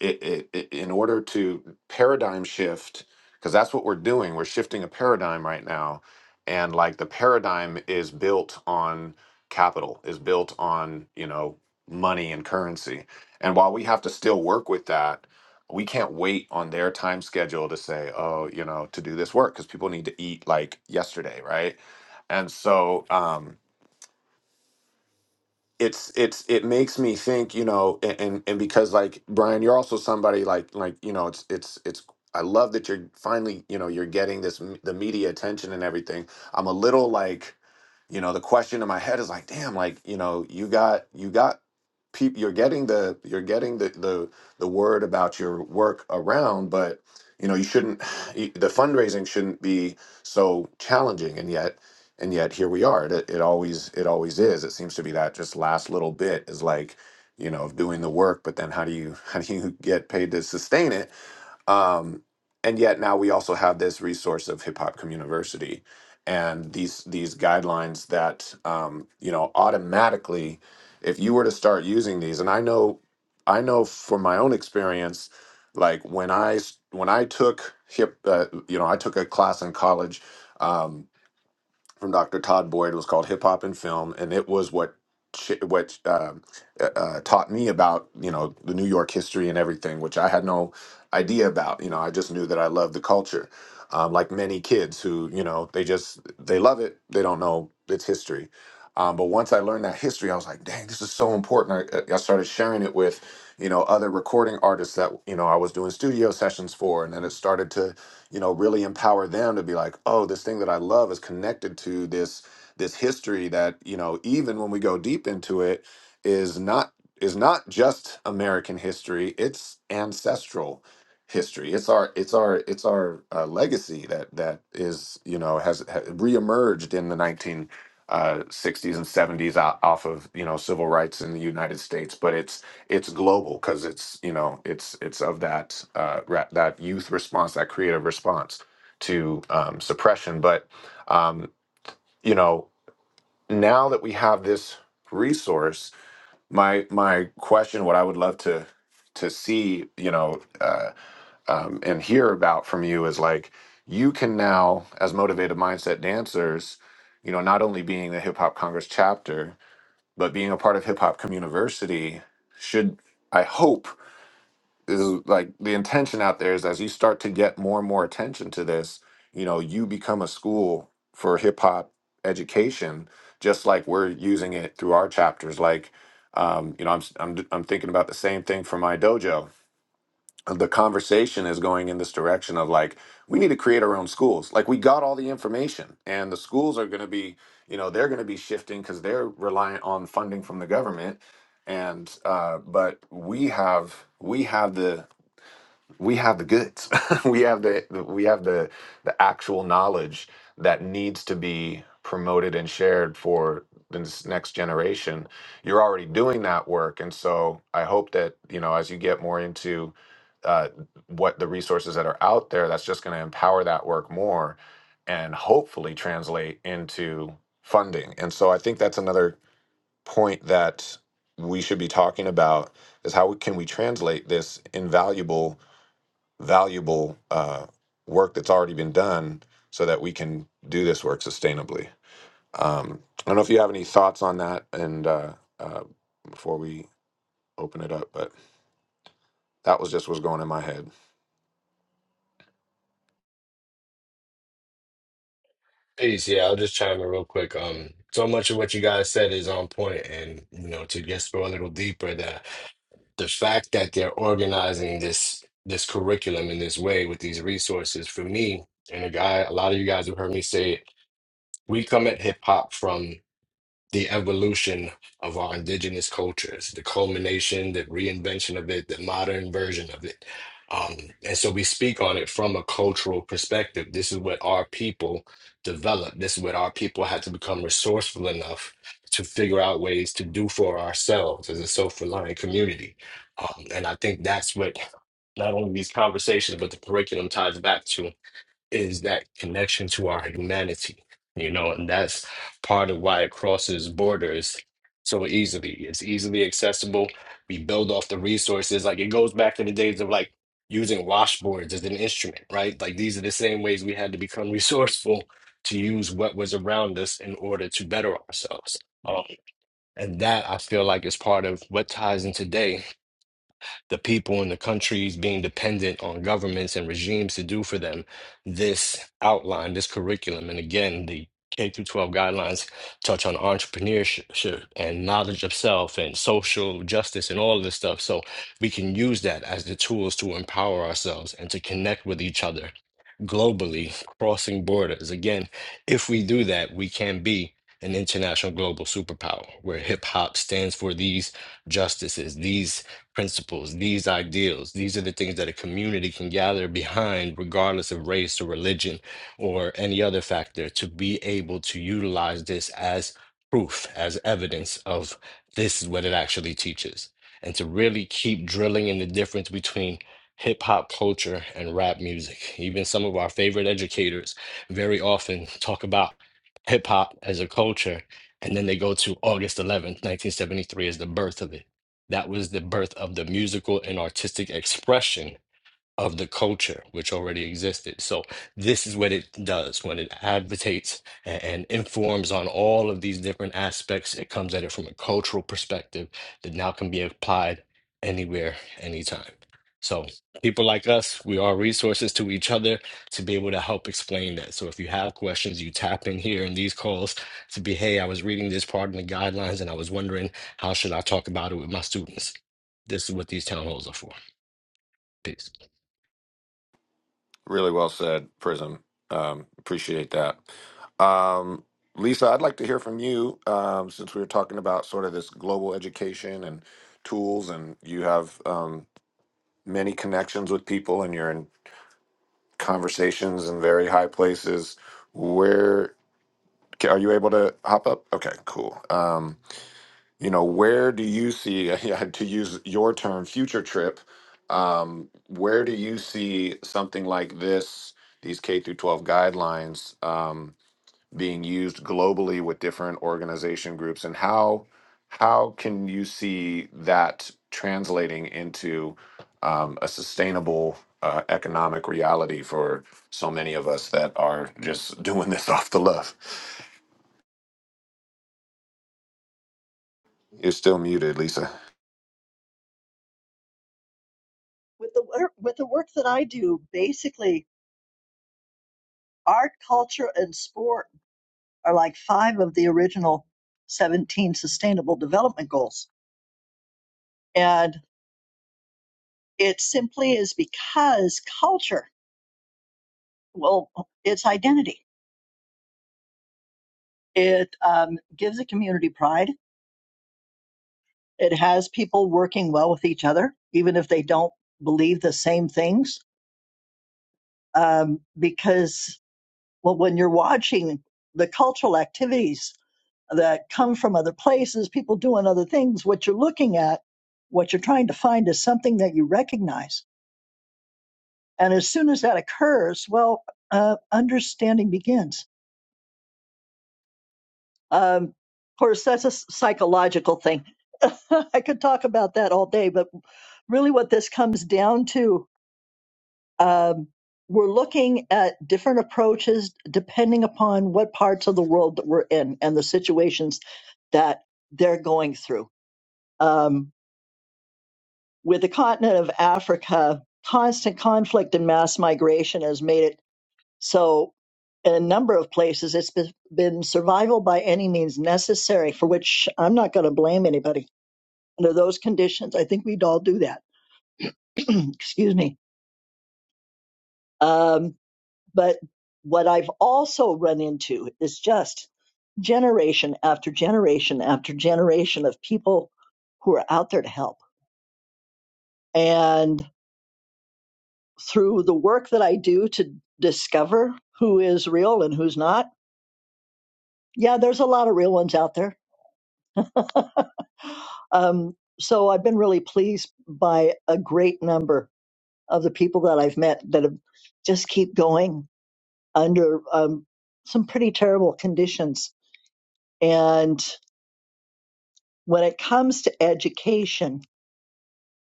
it, it, it, in order to paradigm shift, because that's what we're doing, we're shifting a paradigm right now. And like the paradigm is built on capital, is built on, you know, money and currency. And while we have to still work with that, we can't wait on their time schedule to say, oh, you know, to do this work because people need to eat like yesterday, right? And so, um, it's it's it makes me think you know and, and and because like brian you're also somebody like like you know it's it's it's i love that you're finally you know you're getting this m- the media attention and everything i'm a little like you know the question in my head is like damn like you know you got you got people you're getting the you're getting the the the word about your work around but you know you shouldn't you- the fundraising shouldn't be so challenging and yet and yet here we are it, it always it always is it seems to be that just last little bit is like you know of doing the work but then how do you how do you get paid to sustain it um and yet now we also have this resource of hip hop community and these these guidelines that um you know automatically if you were to start using these and i know i know from my own experience like when i s- when i took hip uh, you know i took a class in college um, from Dr. Todd Boyd was called Hip Hop and Film, and it was what ch- what um, uh, uh, taught me about you know the New York history and everything, which I had no idea about. You know, I just knew that I loved the culture, um, like many kids who you know they just they love it, they don't know its history. Um, but once I learned that history, I was like, dang, this is so important. I, I started sharing it with you know other recording artists that you know I was doing studio sessions for, and then it started to you know really empower them to be like oh this thing that i love is connected to this this history that you know even when we go deep into it is not is not just american history it's ancestral history it's our it's our it's our uh, legacy that that is you know has, has reemerged in the 19 uh, 60s and 70s o- off of you know civil rights in the united states but it's it's global because it's you know it's it's of that uh, ra- that youth response that creative response to um, suppression but um, you know now that we have this resource my my question what i would love to to see you know uh, um, and hear about from you is like you can now as motivated mindset dancers you know not only being the hip hop congress chapter but being a part of hip hop community should i hope is like the intention out there is as you start to get more and more attention to this, you know, you become a school for hip hop education, just like we're using it through our chapters. Like, um, you know, I'm, s- I'm d- I'm thinking about the same thing for my dojo. The conversation is going in this direction of like we need to create our own schools. Like we got all the information, and the schools are going to be, you know, they're going to be shifting because they're reliant on funding from the government and uh, but we have we have the we have the goods. we have the we have the the actual knowledge that needs to be promoted and shared for this next generation. You're already doing that work, and so I hope that you know as you get more into uh, what the resources that are out there, that's just going to empower that work more, and hopefully translate into funding. And so I think that's another point that we should be talking about is how can we translate this invaluable valuable uh, work that's already been done so that we can do this work sustainably. Um, I don't know if you have any thoughts on that and uh, uh, before we open it up, but that was just what's going in my head.
Peace. Yeah, I'll just chime in real quick. Um, so much of what you guys said is on point, and you know, to just go a little deeper, the the fact that they're organizing this this curriculum in this way with these resources for me and a guy, a lot of you guys have heard me say it. We come at hip hop from the evolution of our indigenous cultures, the culmination, the reinvention of it, the modern version of it. Um, and so we speak on it from a cultural perspective. This is what our people developed. This is what our people had to become resourceful enough to figure out ways to do for ourselves as a self-reliant community. Um, and I think that's what not only these conversations, but the curriculum ties back to is that connection to our humanity, you know, and that's part of why it crosses borders so easily. It's easily accessible. We build off the resources. Like it goes back to the days of like using washboards as an instrument, right? Like these are the same ways we had to become resourceful to use what was around us in order to better ourselves. Um, and that I feel like is part of what ties in today the people and the countries being dependent on governments and regimes to do for them this outline, this curriculum. And again, the K through 12 guidelines touch on entrepreneurship and knowledge of self and social justice and all of this stuff. So we can use that as the tools to empower ourselves and to connect with each other globally, crossing borders. Again, if we do that, we can be an international global superpower where hip hop stands for these justices, these principles, these ideals. These are the things that a community can gather behind, regardless of race or religion or any other factor, to be able to utilize this as proof, as evidence of this is what it actually teaches. And to really keep drilling in the difference between hip hop culture and rap music. Even some of our favorite educators very often talk about hip hop as a culture, and then they go to August 11th, 1973, as the birth of it. That was the birth of the musical and artistic expression of the culture which already existed. So this is what it does when it advocates and, and informs on all of these different aspects. It comes at it from a cultural perspective that now can be applied anywhere, anytime. So people like us, we are resources to each other to be able to help explain that. So if you have questions, you tap in here in these calls to be, hey, I was reading this part in the guidelines and I was wondering how should I talk about it with my students. This is what these town halls are for. Peace.
Really well said, Prism. Um, appreciate that. Um, Lisa, I'd like to hear from you um, since we were talking about sort of this global education and tools, and you have um, many connections with people, and you're in conversations in very high places where ca- are you able to hop up okay cool um you know where do you see yeah, to use your term future trip um where do you see something like this these k through 12 guidelines um being used globally with different organization groups and how how can you see that translating into um, a sustainable uh, economic reality for so many of us that are just doing this off the love you're still muted lisa
with the work with the work that I do, basically art, culture, and sport are like five of the original 17 sustainable development goals. And it simply is because culture, well, it's identity. It um, gives a community pride. It has people working well with each other, even if they don't believe the same things. Um, because, well, when you're watching the cultural activities that come from other places, people doing other things. What you're looking at, what you're trying to find is something that you recognize. And as soon as that occurs, well, uh, understanding begins. Um, of course, that's a s- psychological thing. I could talk about that all day, but really what this comes down to, um, we're looking at different approaches depending upon what parts of the world that we're in and the situations that they're going through. Um, with the continent of Africa, constant conflict and mass migration has made it so in a number of places it's be- been survival by any means necessary, for which I'm not going to blame anybody. Under those conditions, I think we'd all do that. Excuse me. Um, but what I've also run into is just generation after generation after generation of people who are out there to help. and. through the work that I do to discover who is real and who's not. Yeah, there's a lot of real ones out there. Um, so I've been really pleased by a great number of the people that I've met that have just keep going under um, some pretty terrible conditions. And when it comes to education,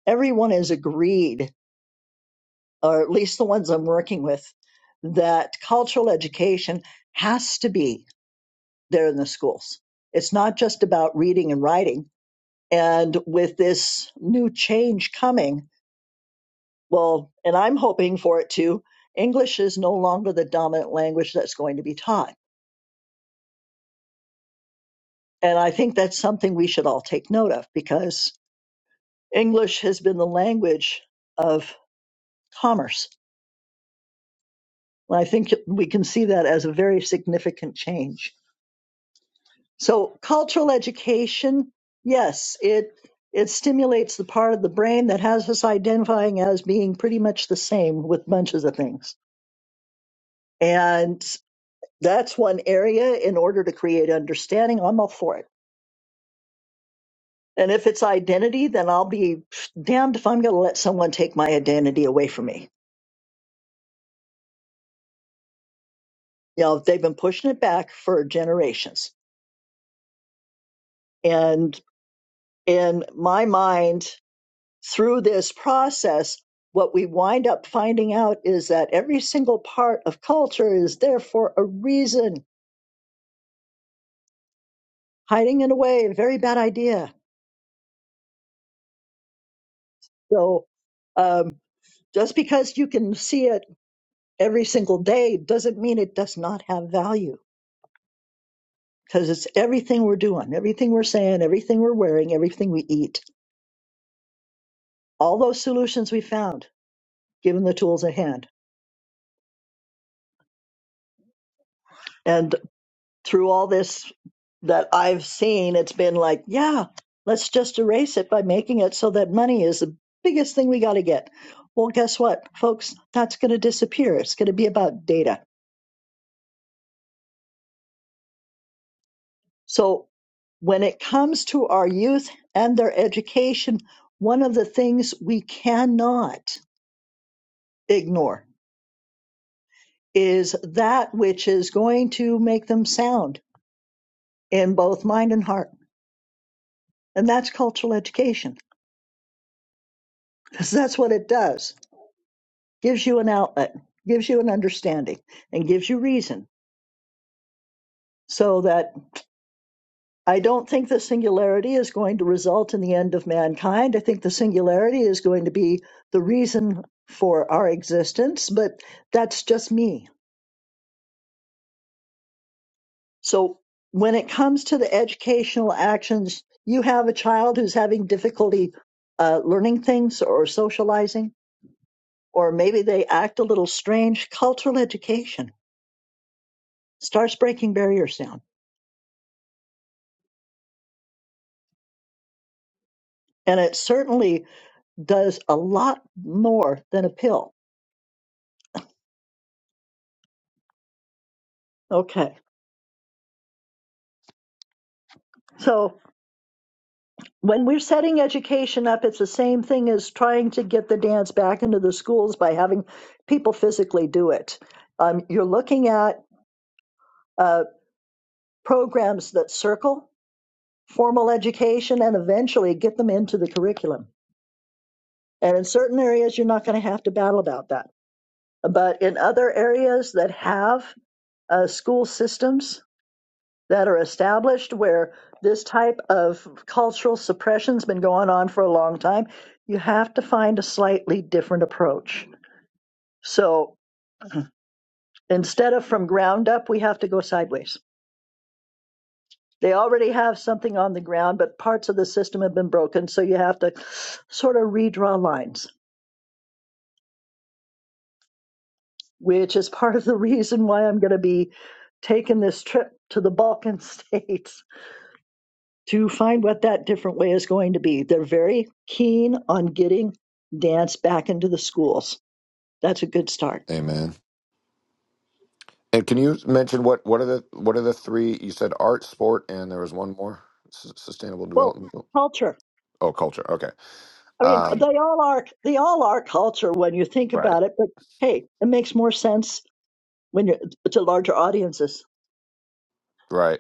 everyone has agreed, or at least the ones I'm working with, that cultural education has to be there in the schools. It's not just about reading and writing. And with this new change coming, well, and I'm hoping for it too, English is no longer the dominant language that's going to be taught. And I think that's something we should all take note of because English has been the language of commerce. And I think we can see that as a very significant change. So cultural education, yes, it it stimulates the part of the brain that has us identifying as being pretty much the same with bunches of things. And that's one area in order to create understanding, I'm all for it. And if it's identity, then I'll be damned if I'm going to let someone take my identity away from me. You know, they've been pushing it back for generations. And in my mind, through this process, what we wind up finding out is that every single part of culture is there for a reason. Hiding it away, a very bad idea. So um, just because you can see it every single day doesn't mean it does not have value because it's everything we're doing, everything we're saying, everything we're wearing, everything we eat. All those solutions we found, given the tools at hand. and. through all this that I've seen, it's been like, yeah, let's just erase it by making it so that money is the biggest thing we got to get. Well, guess what, folks? That's going to disappear. It's going to be about data. So when it comes to our youth and their education, one of the things we cannot ignore is that which is going to make them sound in both mind and heart. And that's cultural education, because that's what it does gives you an outlet, gives you an understanding, and gives you reason. So that I don't think the singularity is going to result in the end of mankind. I think the singularity is going to be the reason for our existence, but that's just me. So when it comes to the educational actions, you have a child who's having difficulty uh, learning things or socializing, or maybe they act a little strange. Cultural education starts breaking barriers down. And it certainly does a lot more than a pill. Okay. So when we're setting education up, it's the same thing as trying to get the dance back into the schools by having people physically do it. Um, you're looking at uh, programs that circle formal education and eventually get them into the curriculum. And in certain areas, you're not going to have to battle about that. But in other areas that have uh, school systems that are established where this type of cultural suppression's been going on for a long time, you have to find a slightly different approach. So instead of from ground up, we have to go sideways. They already have something on the ground, but parts of the system have been broken, so you have to sort of redraw lines, which is part of the reason why I'm going to be taking this trip to the Balkan states to find what that different way is going to be. They're very keen on getting dance back into the schools. That's a good start.
amen and can you mention what what are the what are the three you said art sport and there was one more S- sustainable
Well,
development
culture.
oh culture okay
I mean, they
um,
all are they all are culture when you think
right
about it. But hey, it makes more sense when you're to larger audiences.
right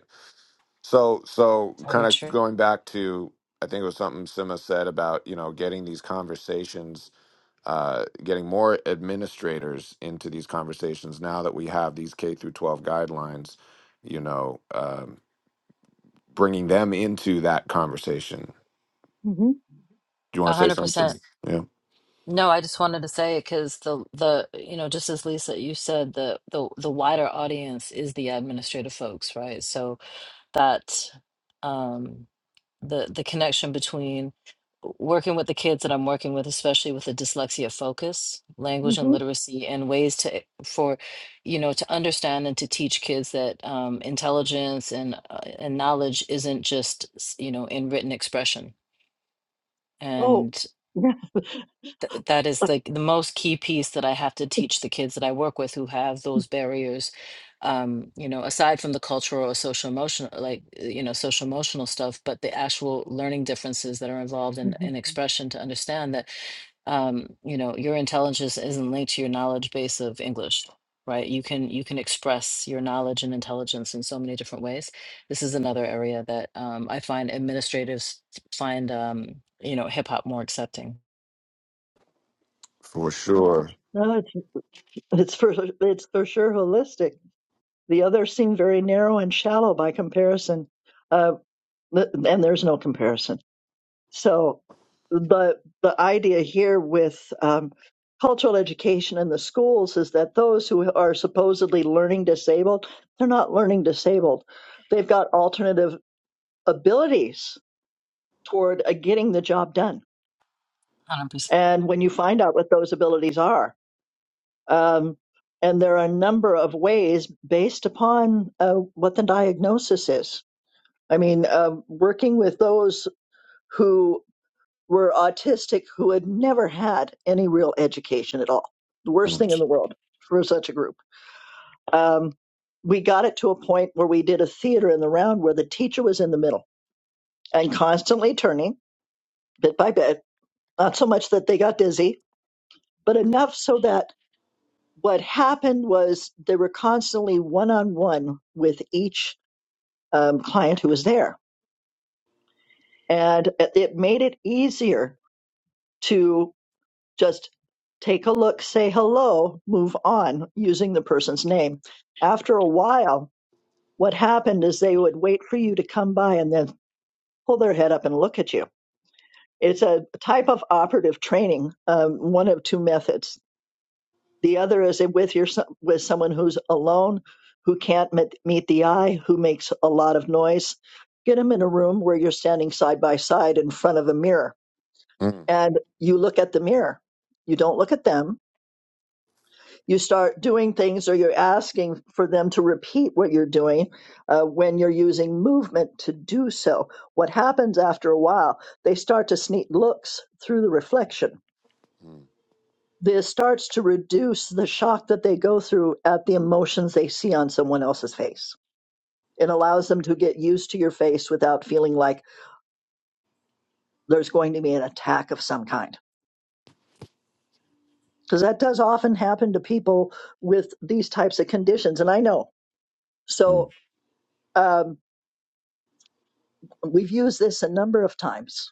So, so kind
Very
of
true.
going back to, I think it was something Sima said about, you know, getting these conversations, uh, getting more administrators into these conversations now that we have these K through 12 guidelines, you know, um, bringing them into that conversation.
hmm
Do you want to say something? Sim? Yeah,
No, I just wanted to say because the the you know just as Lisa you said the the the wider audience is the administrative folks, right? So that um the the connection between working with the kids that I'm working with, especially with the dyslexia focus, language and
hmm
literacy, and ways to eh, for you know to understand and to teach kids that um, intelligence and uh, and knowledge isn't just s- you know in written expression
Oh, yeah.
that is like the most key piece that I have to teach the kids that I work with who have those barriers. Um, you know, aside from the cultural or social emotional, like uh, you know, social emotional stuff, but the actual learning differences that are involved in,
Mhm.
in expression to understand that um, you know, your intelligence isn't linked to your knowledge base of English, right? You can you can express your knowledge and intelligence in so many different ways. This is another area that um, I find administrators find um, you know, hip hop more accepting.
for sure.
No, it's it's for it's for sure holistic. The others seem very narrow and shallow by comparison. Uh, and there's no comparison So the the idea here with um, cultural education in the schools is that those who are supposedly learning disabled, they're not learning disabled. They've got alternative abilities toward uh, getting the job done.
100%.
And when you find out what those abilities are, um, and there are a number of ways based upon uh, what the diagnosis is. I mean, um working with those who. were autistic who had never had any real education at all. The worst
Mm,
thing in the world for such a group. Um, we got it to a point where we did a theater in the round where the teacher was in the middle and constantly turning bit by bit, not so much that they got dizzy, but enough so that what happened was they were constantly one on one with each um, client who was there. And it made it easier to. Just take a look, say hello, move on using the person's name. After a while, what happened is they would wait for you to come by and then pull their head up and look at you. It's a type of operative training, um, one of two methods. The other is with your with someone who's alone, who can't met, meet the eye, who makes a lot of noise. Get them in a room where you're standing side by side in front of a mirror,
mm,
and you look at the mirror. You don't look at them you start doing things or you're asking for them to repeat what you're doing uh, when you're using movement to do so. What happens after a while, they start to sneak looks through the reflection.
mm,
This starts to reduce the shock that they go through at the emotions they see on someone else's face. It allows them to get used to your face without feeling like there's going to be an attack of some kind. Because that does often happen to people with these types of conditions. And I know.
mm,
So, um, We've used this a number of times.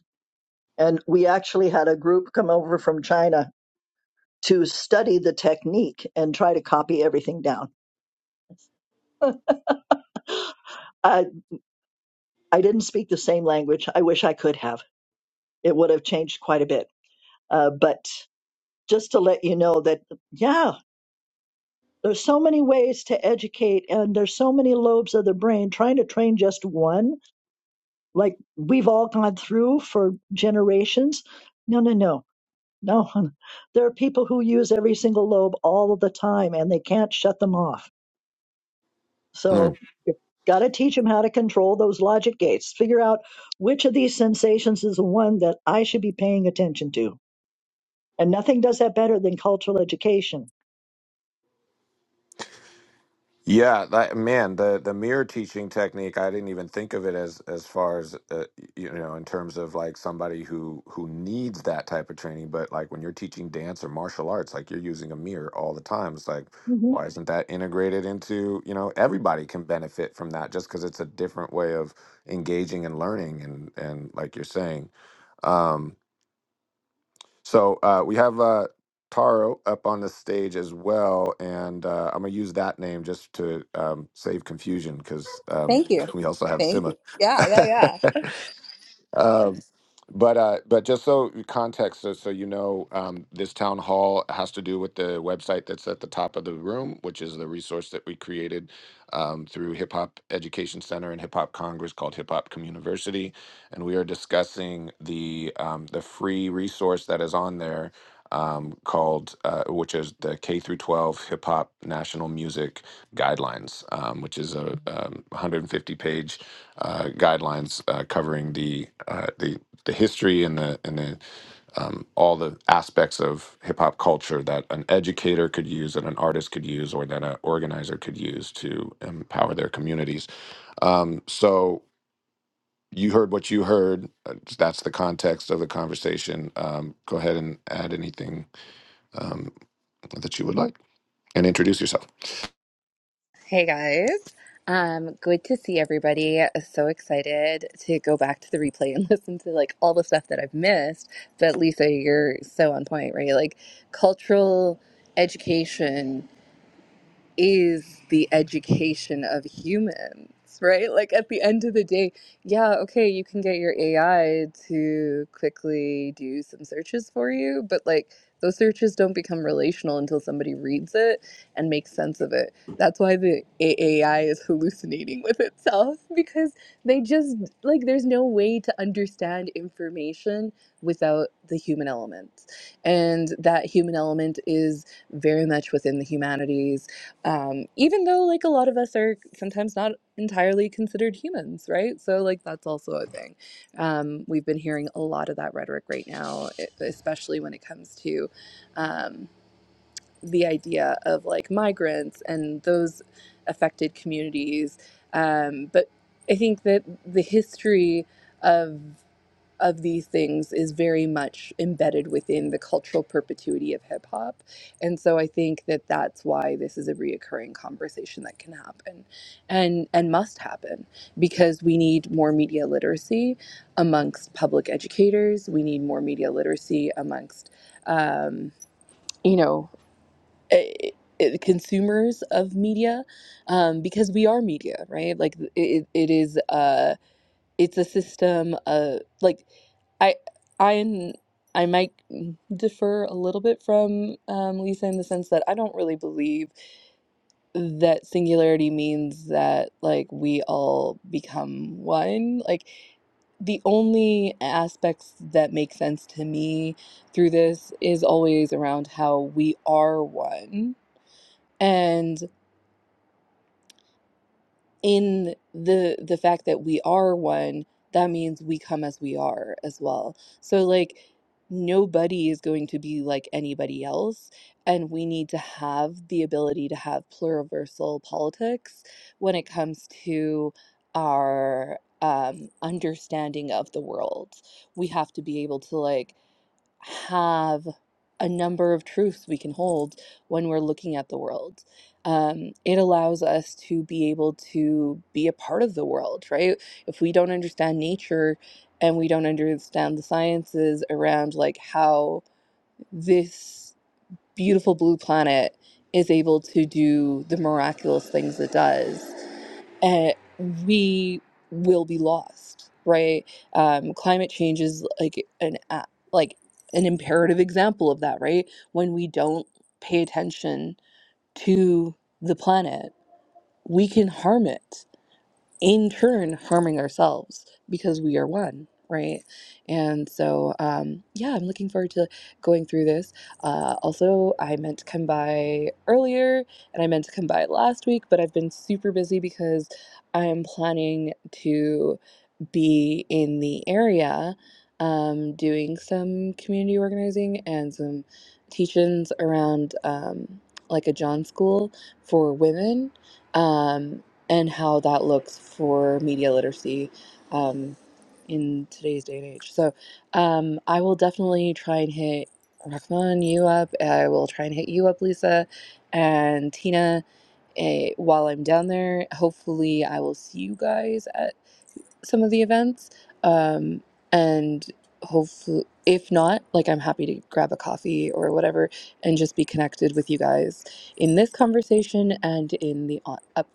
And we actually had a group come over from China to study the technique and try to copy everything down. I, I didn't speak the same language. I wish I could have. It would have changed quite a bit. Uh, but just to let you know that, yeah, there's so many ways to educate, and there's so many lobes of the brain. Trying to train just one, like we've all gone through for generations. No, no, no No, hon. there are people who use every single lobe all of the time and they can't shut them off.
mm.
So you've got to teach them how to control those logic gates. Figure out which of these sensations is the one that I should be paying attention to. And nothing does that better than cultural education.
Yeah, that man, the the mirror teaching technique, I didn't even think of it as as far as uh, you know, in terms of like somebody who who needs that type of training, but like when you're teaching dance or martial arts, like you're using a mirror all the time. It's like
hmm
why isn't that integrated into, you know, everybody can benefit from that just because it's a different way of engaging and learning and and like you're saying. um, so uh, we have uh, Taro up on the stage as well, and uh, I'm gonna use that name just to um, save confusion because um,
Thank you.
we also have
Thank you.
Sima.
Yeah, yeah, yeah.
um, but uh, but just so context, so, so you know, um, this town hall has to do with the website that's at the top of the room, which is the resource that we created um, through Hip Hop Education Center and Hip Hop Congress called Hip Hop Communiversity, and we are discussing the um, the free resource that is on there um, called uh, which is the K through 12 Hip Hop National Music Guidelines, um, which is a um, 150 page uh, guidelines uh, covering the uh, the the history and the and the um, all the aspects of hip hop culture that an educator could use, that an artist could use, or that an organizer could use to empower their communities. Um, so you heard what you heard. Uh, That's the context of the conversation. Um, go ahead and add anything um, that you would like, and introduce yourself.
Hey guys. Um, good to see everybody. So excited to go back to the replay and listen to like all the stuff that I've missed. But Lisa, you're so on point, right? Like cultural education is the education of humans, right? Like at the end of the day, yeah, okay, you can get your AI to quickly do some searches for you, but like those searches don't become relational until somebody reads it and makes sense of it. That's why the A- AI is hallucinating with itself because they just like there's no way to understand information without the human element. And that human element is very much within the humanities um, even though like a lot of us are sometimes not entirely considered humans, right? So like that's also a thing. Um, we've been hearing a lot of that rhetoric right now, e- especially when it comes to um, the idea of like migrants and those affected communities. Um, but I think that the history of of these things is very much embedded within the cultural perpetuity of hip hop. And so I think that that's why this is a reoccurring conversation that can happen and, and must happen because we need more media literacy amongst public educators. We need more media literacy amongst, um, you know, eh, eh, eh, consumers of media um, because we are media, right? Like it, it is. Uh, it's a system of like I i I might differ a little bit from um, Lisa in the sense that I don't really believe that singularity means that like we all become one. Like the only aspects that make sense to me through this is always around how we are one. and. in the the fact that we are one that means we come as we are as well so like nobody is going to be like anybody else and we need to have the ability to have pluriversal politics when it comes to our um, understanding of the world we have to be able to like have a number of truths we can hold when we're looking at the world. Um, it allows us to be able to be a part of the world, right? If we don't understand nature and we don't understand the sciences around like how this beautiful blue planet is able to do the miraculous things it does, uh, we will be lost, right? Um, climate change is like an a- like an imperative example of that, right? When we don't pay attention to the planet, we can harm it in turn harming ourselves because we are one right and so um yeah i'm looking forward to going through this uh also i meant to come by earlier and i meant to come by last week but i've been super busy because i am planning to be in the area um, doing some community organizing and some teach-ins around um, like a John school for women um, and how that looks for media literacy um, in today's day and age. So um, I will definitely try and hit Rahman, you up. I will try and hit you up, Lisa, and Tina eh, while I'm down there. Hopefully, I will see you guys at some of the events. Um, and hopefully, if not, like I'm happy to grab a coffee or whatever and just be connected with you guys in this conversation and in the on- up-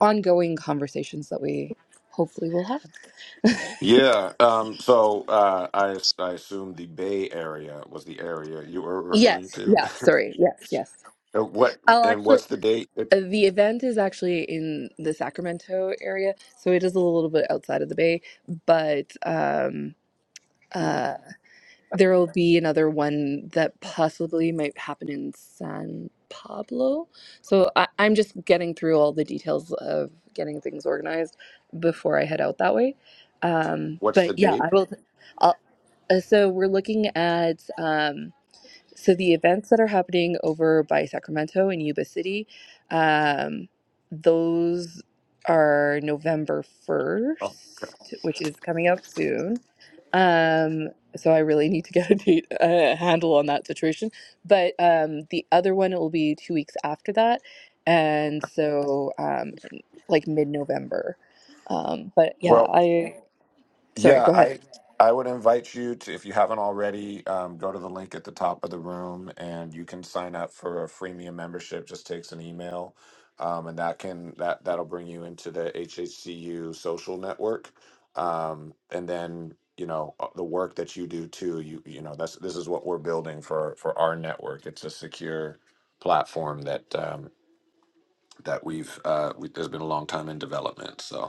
ongoing conversations that we hopefully will have.
Yeah. Um, so uh, I, as- I assume the Bay Area was the area you were referring
yes.
to.
Yeah. Sorry. Yes. Yes.
Uh, what
I'll
and
actually.
what's the date?
uh, The event is actually in the Sacramento area, so it is a little bit outside of the Bay, but um, uh, There will be another one that possibly might happen in San Pablo. So I, I'm just getting through all the details of getting things organized before I head out that way. Um,
What's the
but yeah, I
date?
will. I'll, uh, so we're looking at. Um, so the events that are happening over by Sacramento in Yuba City, um, those are November
Oh.
1st, which is coming up soon. Um, so I really need to get a date, a handle on that situation. But um, the other one will be two weeks after that, and so um, in, like mid-November. Um, but yeah,
Well,
I sorry,
yeah,
go ahead.
I I would invite you to, if you haven't already, um, go to the link at the top of the room and you can sign up for a freemium membership. Just takes an email, um, and that can that that'll bring you into the HHCU social network, um, and then you know uh, the work that you do too. You you know that's this is what we're building for for our network. It's a secure platform that um, that we've uh, we, there's been a long time in development. So.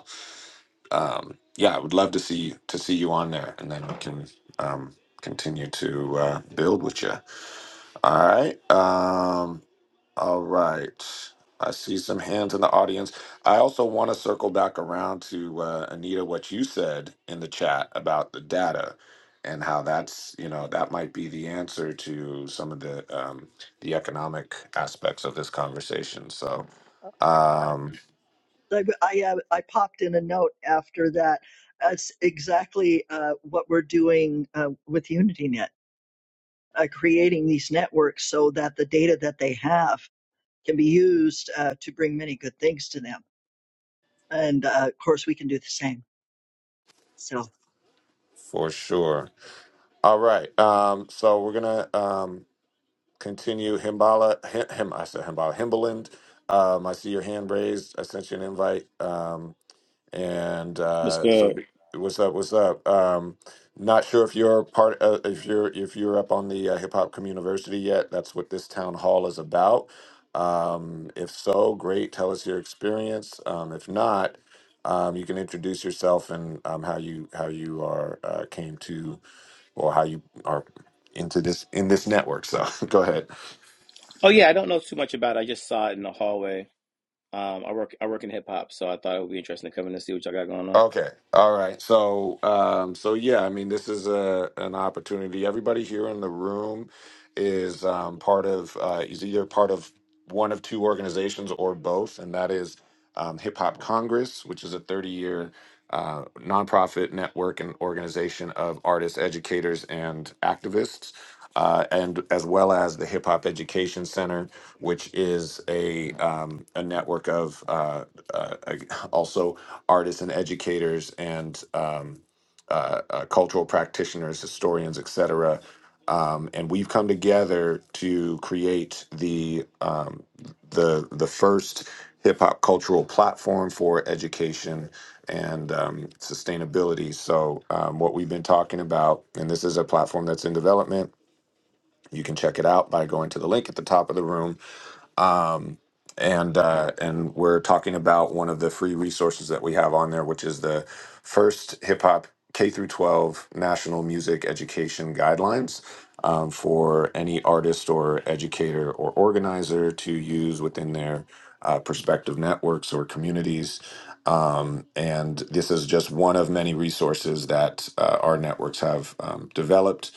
um, yeah, I would love to see to see you on there, and then we can um, continue to uh, build with you. All right, um, all right. I see some hands in the audience. I also want to circle back around to uh, Anita, what you said in the chat about the data and how that's you know that might be the answer to some of the um, the economic aspects of this conversation. So um,
I I, uh, I popped in a note after that. That's exactly uh, what we're doing uh, with UnityNet, uh, creating these networks so that the data that they have can be used uh, to bring many good things to them. And uh, of course, we can do the same. So.
for sure. All right. Um, so we're gonna um, continue Himbala. Him, him, I said Himbala. Himbaland. Um, I see your hand raised. I sent you an invite. Um, and
What's
uh, so
good?
b- what's up? What's up? Um, not sure if you're part uh, if you're if you're up on the uh, Hip Hop Community yet. That's what this town hall is about. Um, if so, great. Tell us your experience. Um, if not, um, you can introduce yourself and um, how you how you are uh, came to or how you are into this in this network. So go ahead.
Oh yeah, I don't know too much about it. I just saw it in the hallway. Um, I work I work in hip hop, so I thought it would be interesting to come in and see what y'all got going on.
Okay. All right. So, um, so yeah, I mean, this is a an opportunity. Everybody here in the room is um, part of uh, is either part of one of two organizations or both, and that is um, Hip Hop Congress, which is a thirty year uh, nonprofit network and organization of artists, educators, and activists. Uh, and as well as the Hip Hop Education Center, which is a um, a network of uh, uh, also artists and educators and um, uh, uh, cultural practitioners, historians, etc. Um, and we've come together to create the um, the the first hip hop cultural platform for education and um, sustainability. So um, what we've been talking about, and this is a platform that's in development. You can check it out by going to the link at the top of the room and uh, and we're talking about one of the free resources that we have on there, which is the first hip hop K through 12 national music education guidelines um, for any artist or educator or organizer to use within their uh, prospective networks or communities. Um, and this is just one of many resources that uh, our networks have um, developed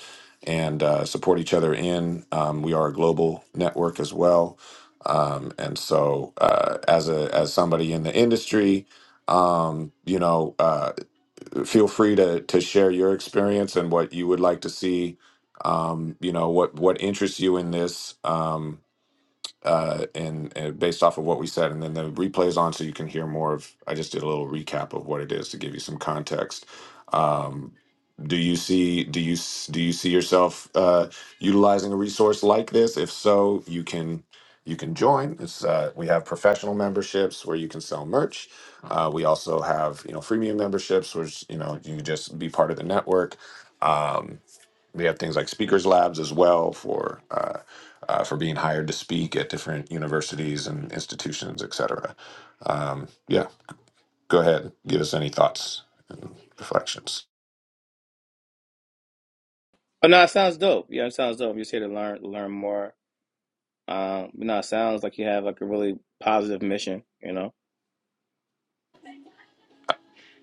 and uh, support each other in. Um, we are a global network as well um, and so, uh, as a as somebody in the industry, um, you know, uh, feel free to to share your experience and what you would like to see. Um, you know, what what interests you in this. Um, uh, and, and based off of what we said, and then the replay is on, so you can hear more of. I just did a little recap of what it is to give you some context. Um, do you see? Do you s- do you see yourself uh, utilizing a resource like this? If so, you can you can join. It's uh, we have professional memberships where you can sell merch. Uh, we also have you know freemium memberships, which you know you just be part of the network. Um, they have things like speakers labs as well for uh, uh, for being hired to speak at different universities and institutions, et cetera. Um, yeah, go ahead. Give us any thoughts and reflections.
But no, it sounds dope. Yeah, it sounds dope. I'm just here to learn learn more. Um, but no, it sounds like you have like a really positive mission. You know,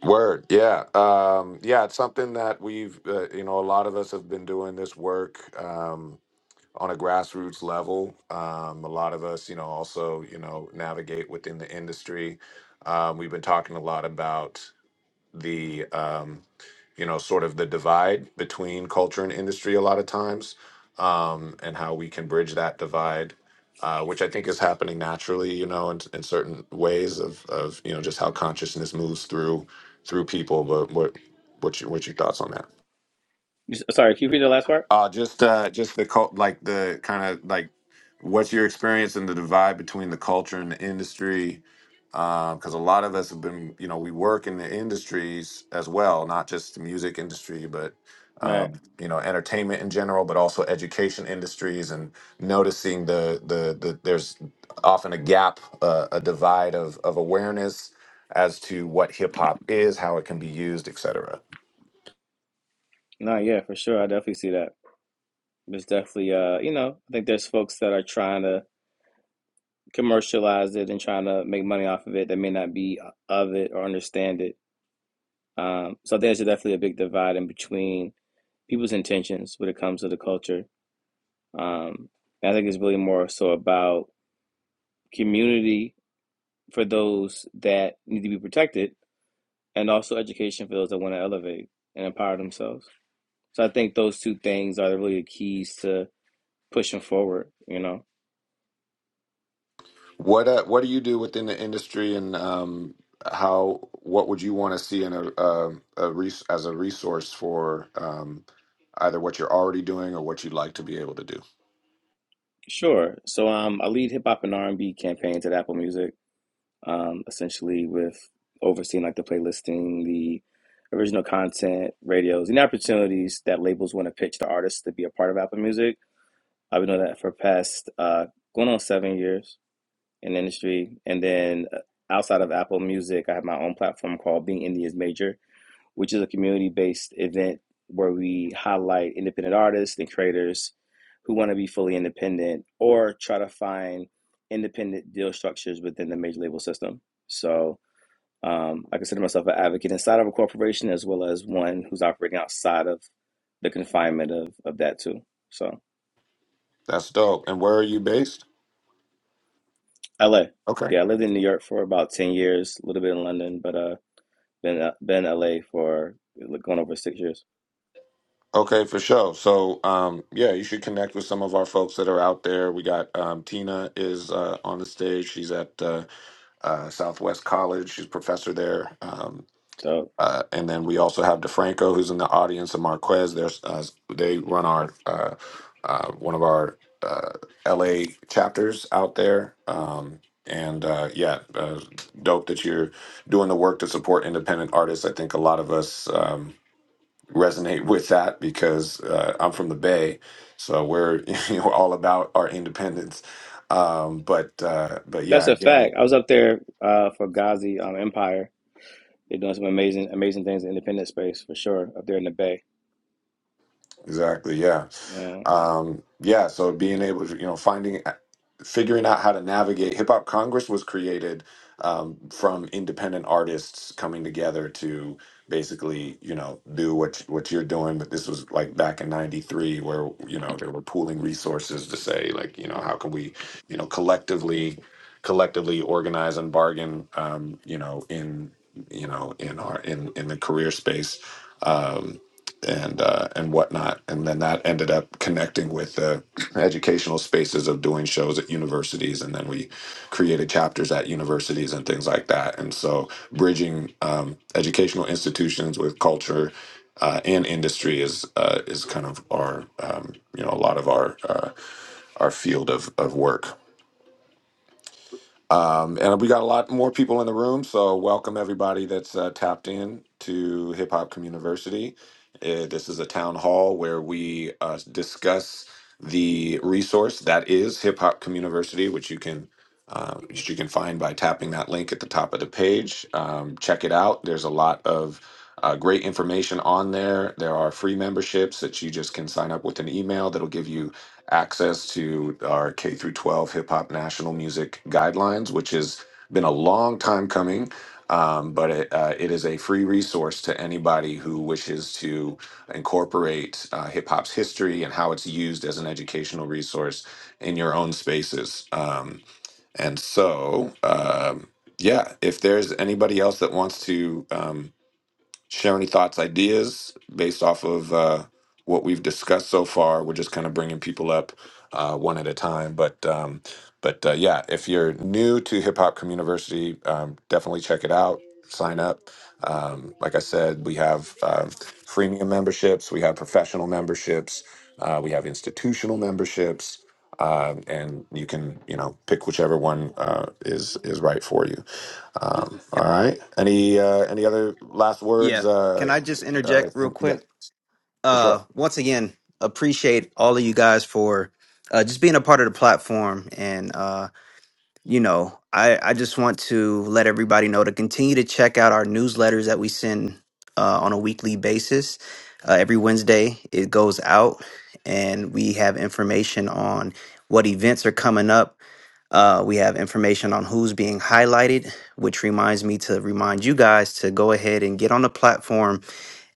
Word, yeah, um, yeah. It's something that we've, uh, you know, a lot of us have been doing this work um, on a grassroots level. Um, a lot of us, you know, also, you know, navigate within the industry. Um, we've been talking a lot about the um, you know sort of the divide between culture and industry a lot of times um, and how we can bridge that divide uh, which i think is happening naturally you know in, in certain ways of, of you know just how consciousness moves through through people but what what's your, what's your thoughts on that
You s- sorry, can you read the last part?
uh, just uh, just the cult, like the kind of like what's your experience in the divide between the culture and the industry? Because a lot of us have been, you know, we work in the industries as well, not just the music industry, but
Right.
um, you know, entertainment in general, but also education industries, and noticing the the, the there's often a gap, uh, a divide of of awareness as to what hip hop is, how it can be used, et cetera.
No, yeah, for sure. I definitely see that. There's definitely uh, you know, I think there's folks that are trying to commercialize it and trying to make money off of it that may not be uh, of it or understand it. Um, so there's definitely a big divide in between people's intentions when it comes to the culture. Um, I think it's really more so about community for those that need to be protected, and also education for those that want to elevate and empower themselves. So I think those two things are really the really keys to pushing forward. You know,
What uh, what do you do within the industry, and um, how what would you want to see in a, a, a res- as a resource for um, either what you're already doing or what you'd like to be able to do?
sure. So um, I lead hip hop and R and B campaigns at Apple Music, um, essentially with overseeing like the playlisting, the original content, radios, and opportunities that labels want to pitch to artists to be a part of Apple Music I've been doing that for past uh, going on seven years in the industry. And then uh, outside of Apple Music, I have my own platform called Being India's Major, which is a community based event where we highlight independent artists and creators who want to be fully independent or try to find independent deal structures within the major label system. So um, I consider myself an advocate inside of a corporation as well as one who's operating outside of the confinement of, of that too. So.
That's dope. And where are you based?
LA.
Okay,
Yeah, I lived in New York for about 10 years, a little bit in London, but uh been uh, been LA for like, going over six years.
okay, for sure. So um, yeah, you should connect with some of our folks that are out there. We got um, Tina is uh, on the stage. She's at uh, uh, Southwest College. She's a professor there. Um,
So
Uh, and then we also have DeFranco, who's in the audience, and Marquez. There's uh, they run our uh, uh, one of our uh, LA chapters out there. Um, and uh, yeah, uh, dope that you're doing the work to support independent artists. I think a lot of us um, resonate with that because uh, I'm from the Bay, so we're you know all about our independence. Um, but uh, but
that's
yeah,
a
again,
fact. I was up there uh for Ghazi um Empire. They're doing some amazing amazing things in the independent space for sure up there in the Bay.
exactly, yeah.
Yeah.
um yeah so being able to you know finding uh, figuring out how to navigate hip hop congress was created um from independent artists coming together to basically you know do what what you're doing but this was like back in 93 where you know they were pooling resources to say like you know how can we you know collectively collectively organize and bargain um you know in you know in our in in the career space Um, and uh, and whatnot. And then that ended up connecting with the educational spaces of doing shows at universities, and then we created chapters at universities and things like that. And so bridging um, educational institutions with culture. Uh, and industry is uh, is kind of our um, you know a lot of our uh, our field of of work. Um, and we got a lot more people in the room, so welcome everybody that's uh, tapped in to Hip Hop Community. Uh, this is a town hall where we uh, discuss the resource that is Hip Hop Community, which you can uh, which you can find by tapping that link at the top of the page. Um, check it out. There's a lot of uh, great information on there. There are free memberships that you just can sign up with an email that'll give you access to our K through 12 hip hop national music guidelines, which has been a long time coming. Um, but it, uh, it is a free resource to anybody who wishes to incorporate uh, hip hop's history and how it's used as an educational resource in your own spaces. Um, and so, um, yeah, if there's anybody else that wants to um, share any thoughts, ideas based off of uh, what we've discussed so far. We're just kind of bringing people up uh, one at a time, but um, but uh, yeah, if you're new to Hip Hop Community, um, definitely check it out. Sign up. Um, like I said, we have uh, freemium memberships, we have professional memberships, uh, we have institutional memberships. Uh, and you can, you know, pick whichever one uh, is is right for you. Um, all
Yep.
right. Any uh, any other last words?
Yeah. Can
Uh,
I just
uh,
interject real
him, yeah,
quick?
for sure.
Uh, once again, appreciate all of you guys for uh, just being a part of the platform. And, uh, you know, I, I just want to let everybody know to continue to check out our newsletters that we send uh, on a weekly basis. Uh, every Wednesday, it goes out, and we have information on what events are coming up Uh, we have information on who's being highlighted, which reminds me to remind you guys to go ahead and get on the platform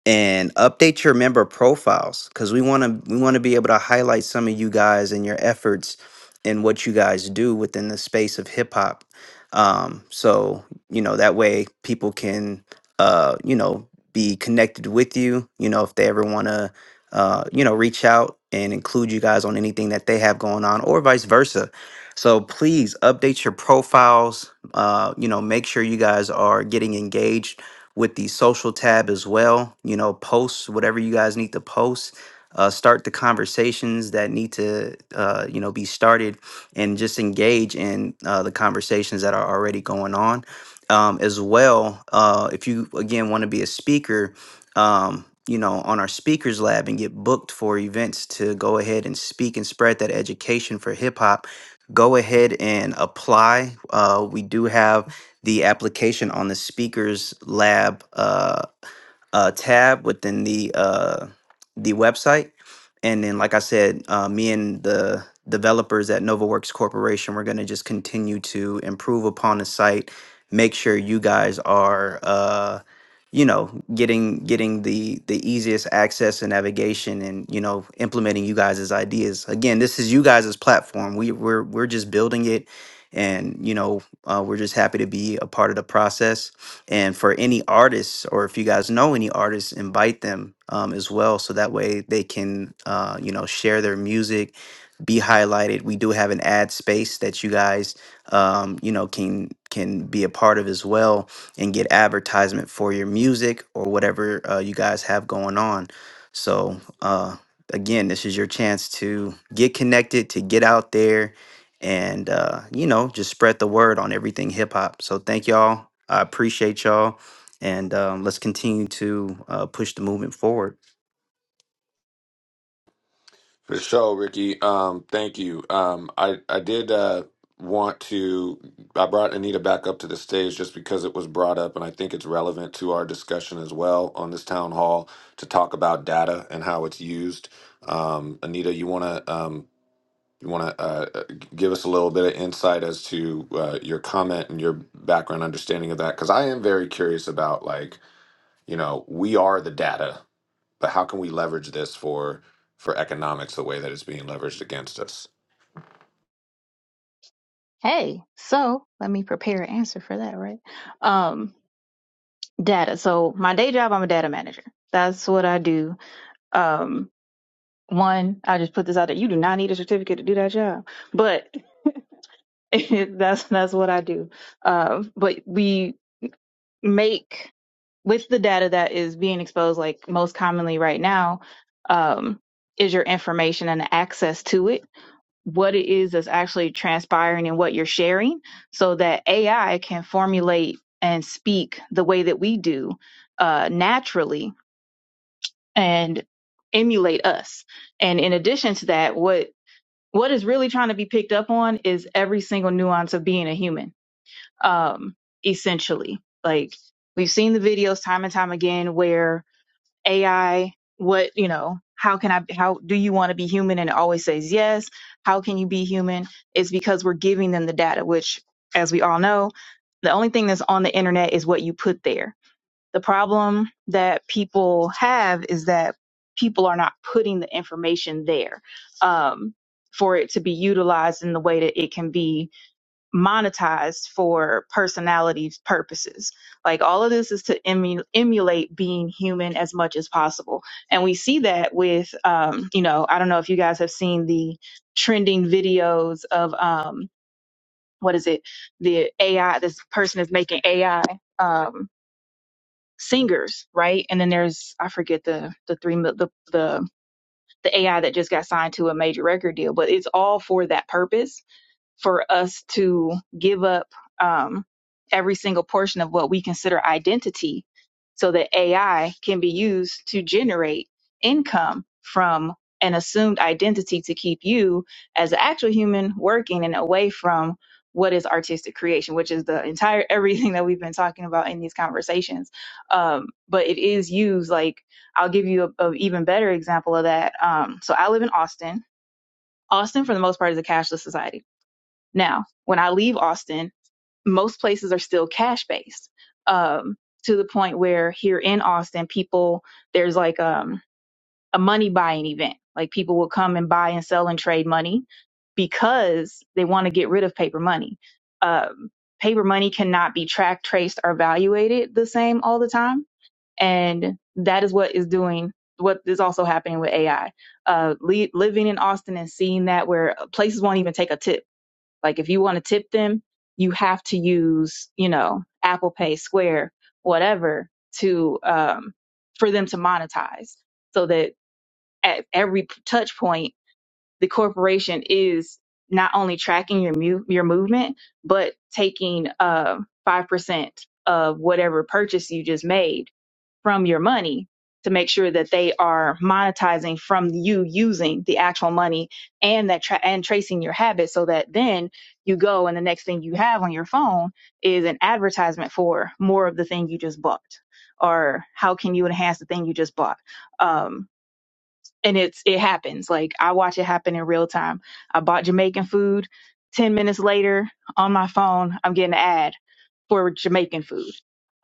and update your member profiles because we want to we want to be able to highlight some of you guys and your efforts and what you guys do within the space of hip hop. Um, so you know that way people can uh, you know be connected with you. You know if they ever want to uh, you know reach out and include you guys on anything that they have going on or vice versa. So please update your profiles. Uh, you know make sure you guys are getting engaged with the social tab as well. You know, post whatever you guys need to post. Uh, start the conversations that need to, uh, you know, be started, and just engage in uh, the conversations that are already going on. Um, as well, uh, if you again want to be a speaker, um, you know, on our speakers lab and get booked for events to go ahead and speak and spread that education for hip hop, go ahead and apply. Uh, we do have the application on the speakers lab. Uh, uh, tab within the uh, the website. And then, like I said, uh, me and the developers at NovaWorks Corporation, we're going to just continue to improve upon the site, make sure you guys are, uh, you know, getting getting the the easiest access and navigation, and you know, implementing you guys' ideas. Again, this is you guys' platform. We we're we're just building it, and you know, uh, we're just happy to be a part of the process and for any artists or if you guys know any artists invite them um, as well so that way they can uh, you know share their music be highlighted. We do have an ad space that you guys, um, you know, can can be a part of as well and get advertisement for your music or whatever uh, you guys have going on. So uh, again, this is your chance to get connected, to get out there, and uh, you know, just spread the word on everything hip hop. So thank y'all. I appreciate y'all, and um, let's continue to uh, push the movement forward.
For sure, Ricky. Um, thank you. Um, I I did uh, want to. I brought Anita back up to the stage just because it was brought up, and I think it's relevant to our discussion as well on this town hall to talk about data and how it's used. Um, Anita, you want to um, you want to uh, uh, give us a little bit of insight as to uh, your comment and your background understanding of that because I am very curious about like you know we are the data but how can we leverage this for for economics the way that it's being leveraged against us
Hey, so let me prepare an answer for that, right? Um, data. So my day job, I'm a data manager. That's what I do. um one i just put this out there you do not need a certificate to do that job but that's that's what i do um but we make with the data that is being exposed like most commonly right now um is your information and the access to it what it is that's actually transpiring and what you're sharing so that ai can formulate and speak the way that we do uh naturally and emulate us and in addition to that what what is really trying to be picked up on is every single nuance of being a human um essentially like we've seen the videos time and time again where ai what you know how can i how do you want to be human and it always says yes how can you be human it's because we're giving them the data which as we all know the only thing that's on the internet is what you put there the problem that people have is that people are not putting the information there um, for it to be utilized in the way that it can be monetized for personality purposes. Like all of this is to emu- emulate being human as much as possible. And we see that with, um, you know, I don't know if you guys have seen the trending videos of, um, what is it? The AI, this person is making AI. Um, singers, right? And then there's I forget the the three the the the AI that just got signed to a major record deal, but it's all for that purpose for us to give up um, every single portion of what we consider identity so that AI can be used to generate income from an assumed identity to keep you as an actual human working and away from what is artistic creation, which is the entire everything that we've been talking about in these conversations. Um, but it is used like I'll give you a, a even better example of that. Um, so I live in Austin. Austin, for the most part, is a cashless society now, when I leave Austin, most places are still cash based um, to the point where here in Austin, people, there's like um, a money buying event. Like people will come and buy and sell and trade money because they want to get rid of paper money. Um, paper money cannot be tracked, traced, or evaluated the same all the time. And that is what is doing, what is also happening with AI. Uh, le- living in Austin and seeing that where uh, places won't even take a tip like if you want to tip them, you have to use, you know, Apple Pay, Square, whatever to um for them to monetize so that at every touch point the corporation is not only tracking your mu- your movement but taking uh 5% of whatever purchase you just made from your money to make sure that they are monetizing from you using the actual money and that tra- and tracing your habits so that then you go and the next thing you have on your phone is an advertisement for more of the thing you just bought or how can you enhance the thing you just bought um and it's it happens like i watch it happen in real time i bought jamaican food 10 minutes later on my phone i'm getting an ad for Jamaican food.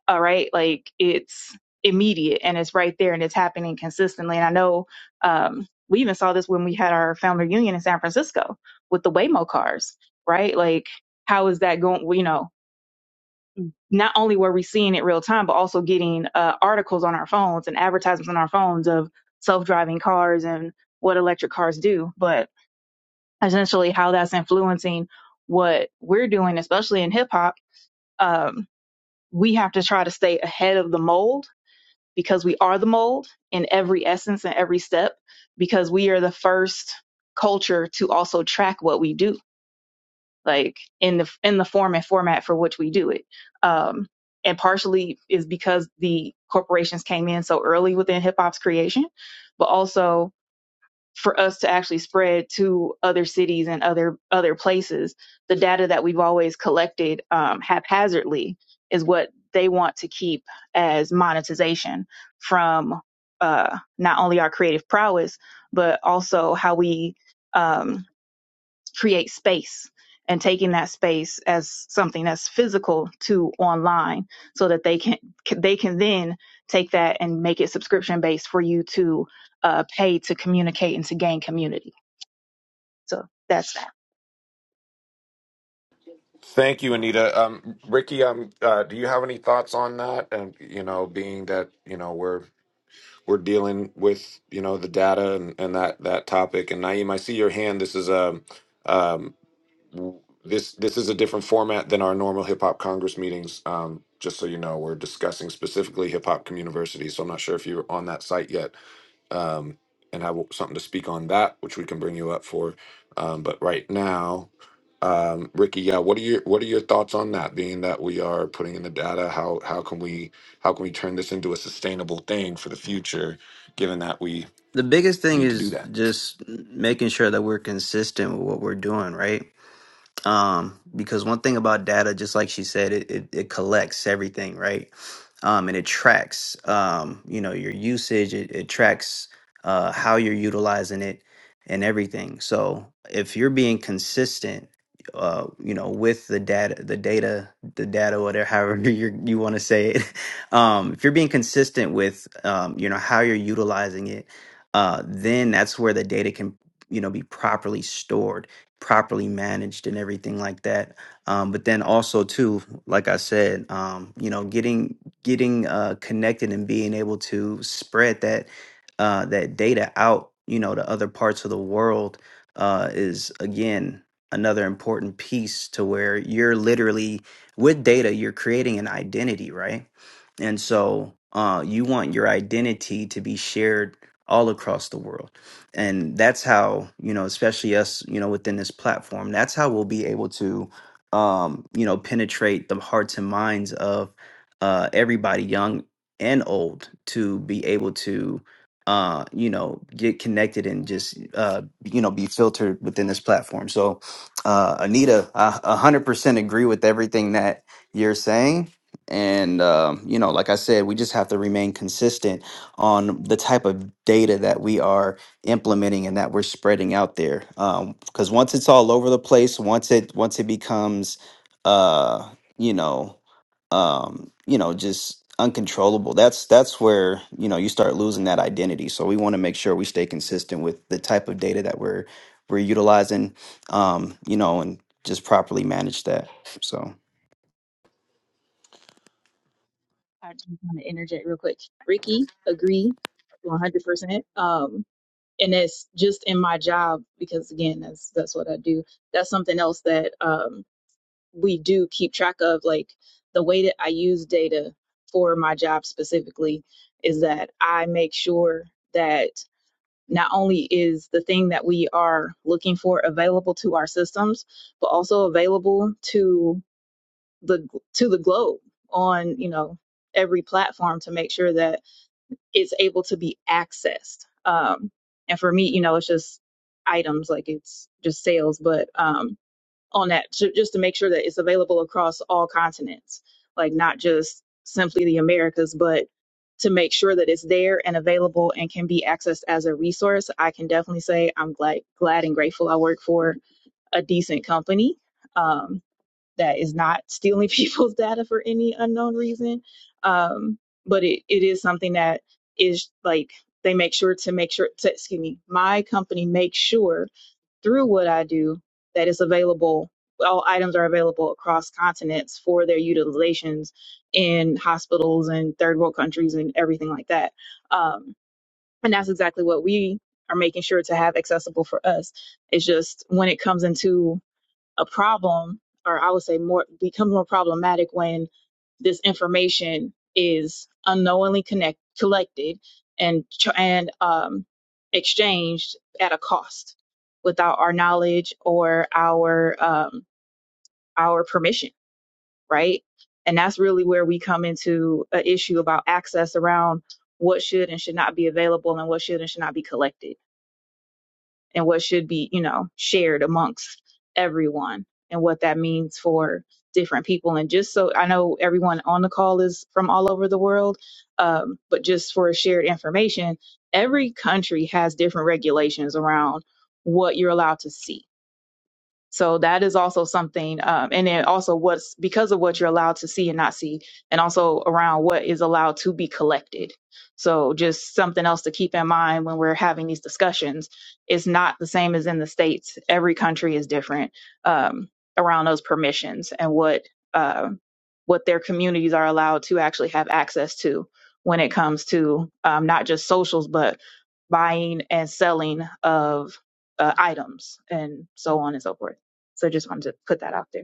All right. Like it's immediate and it's right there and it's happening consistently. And I know um, we even saw this when we had our family reunion in San Francisco with the Waymo cars, right? Like, how is that going? well, You know, not only were we seeing it real time, but also getting uh, articles on our phones and advertisements on our phones of self driving cars and what electric cars do, but essentially how that's influencing what we're doing, especially in hip hop. Um, we have to try to stay ahead of the mold because we are the mold in every essence and every step because we are the first culture to also track what we do like in the in the form and format for which we do it um and partially is because the corporations came in so early within hip hop's creation but also for us to actually spread to other cities and other other places. The data that we've always collected um, haphazardly is what they want to keep as monetization from uh, not only our creative prowess, but also how we um, create space and taking that space as something that's physical to online so that they can they can then take that and make it subscription based for you to uh, pay to communicate and to gain community so that's that
thank you anita um ricky um uh, do you have any thoughts on that and you know being that you know we're we're dealing with you know the data and, and that that topic and Naeem I see your hand this is a um, w- this this is a different format than our normal hip hop congress meetings um, just so you know we're discussing specifically hip hop community so I'm not sure if you're on that site yet um, and have something to speak on that, which we can bring you up for. Um, but right now, um, Ricky, yeah, what are your what are your thoughts on that? Being that we are putting in the data, how how can we how can we turn this into a sustainable thing for the future? Given that we
The biggest thing
need to do
is
that.
just making sure that we're consistent with what we're doing, right? um, because one thing about data, just like she said, it, it, it collects everything, right? Um, and it tracks, um, you know, your usage. It, it tracks uh, how you're utilizing it and everything. So if you're being consistent, uh, you know, with the data, the data, the data, whatever, however you you want to say it, um, if you're being consistent with, um, you know, how you're utilizing it, uh, then that's where the data can, you know, be properly stored properly managed and everything like that. Um, but then also too, like I said, um, you know, getting getting uh, connected and being able to spread that uh, that data out, you know, to other parts of the world uh, is again another important piece to where you're literally with data, you're creating an identity, right? And so uh, you want your identity to be shared all across the world and that's how you know especially us you know within this platform that's how we'll be able to um you know penetrate the hearts and minds of uh everybody young and old to be able to uh you know get connected and just uh you know be filtered within this platform so uh anita i 100% agree with everything that you're saying and um you know like i said we just have to remain consistent on the type of data that we are implementing and that we're spreading out there because once it's all over the place once it once it becomes uh you know um you know just uncontrollable that's that's where you know you start losing that identity so we want to make sure we stay consistent with the type of data that we're we're utilizing um you know and just properly manage that so
i just want to interject real quick ricky agree 100% um, and it's just in my job because again that's that's what i do that's something else that um, we do keep track of like the way that I use data for my job specifically is that I make sure that not only is the thing that we are looking for available to our systems, but also available to the to the globe on you know every platform to make sure that it's able to be accessed. Um, and for me, you know, it's just items like it's just sales, but um, on that to, just to make sure that it's available across all continents, like not just simply the Americas, but to make sure that it's there and available and can be accessed as a resource. I can definitely say I'm glad, glad and grateful I work for a decent company um, that is not stealing people's data for any unknown reason. Um, but it, it is something that is like they make sure to make sure to excuse me, my company makes sure through what I do that it's available. All items are available across continents for their utilizations in hospitals and third world countries and everything like that. Um, and that's exactly what we are making sure to have accessible for us. It's just when it comes into a problem, or I would say more becomes more problematic when this information is unknowingly connect collected and ch- and um, exchanged at a cost without our knowledge or our um, our permission, right? And that's really where we come into an issue about access around what should and should not be available and what should and should not be collected and what should be, you know, shared amongst everyone and what that means for different people. And just so I know everyone on the call is from all over the world, um, but just for shared information, every country has different regulations around what you're allowed to see so that is also something, um, and then also what's because of what you're allowed to see and not see, and also around what is allowed to be collected. So just something else to keep in mind when we're having these discussions. It's not the same as in the states. Every country is different um, around those permissions and what uh, what their communities are allowed to actually have access to when it comes to um, not just socials, but buying and selling of uh, items and so on and so forth. So just wanted to put that out there.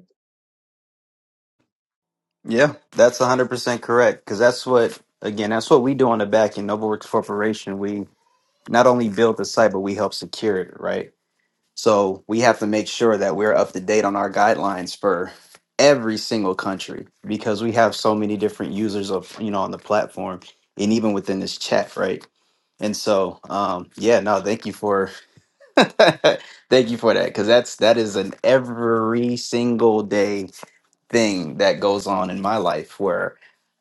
yeah that's 100% correct because that's what again that's what we do on the back end NobleWorks Corporation. We not only build the site, but we help secure it, right? So we have to make sure that we're up to date on our guidelines for every single country because we have so many different users of you know on the platform and even within this chat, right? And so, um, yeah, no, thank you for thank you for that because that's that is an every single day thing that goes on in my life where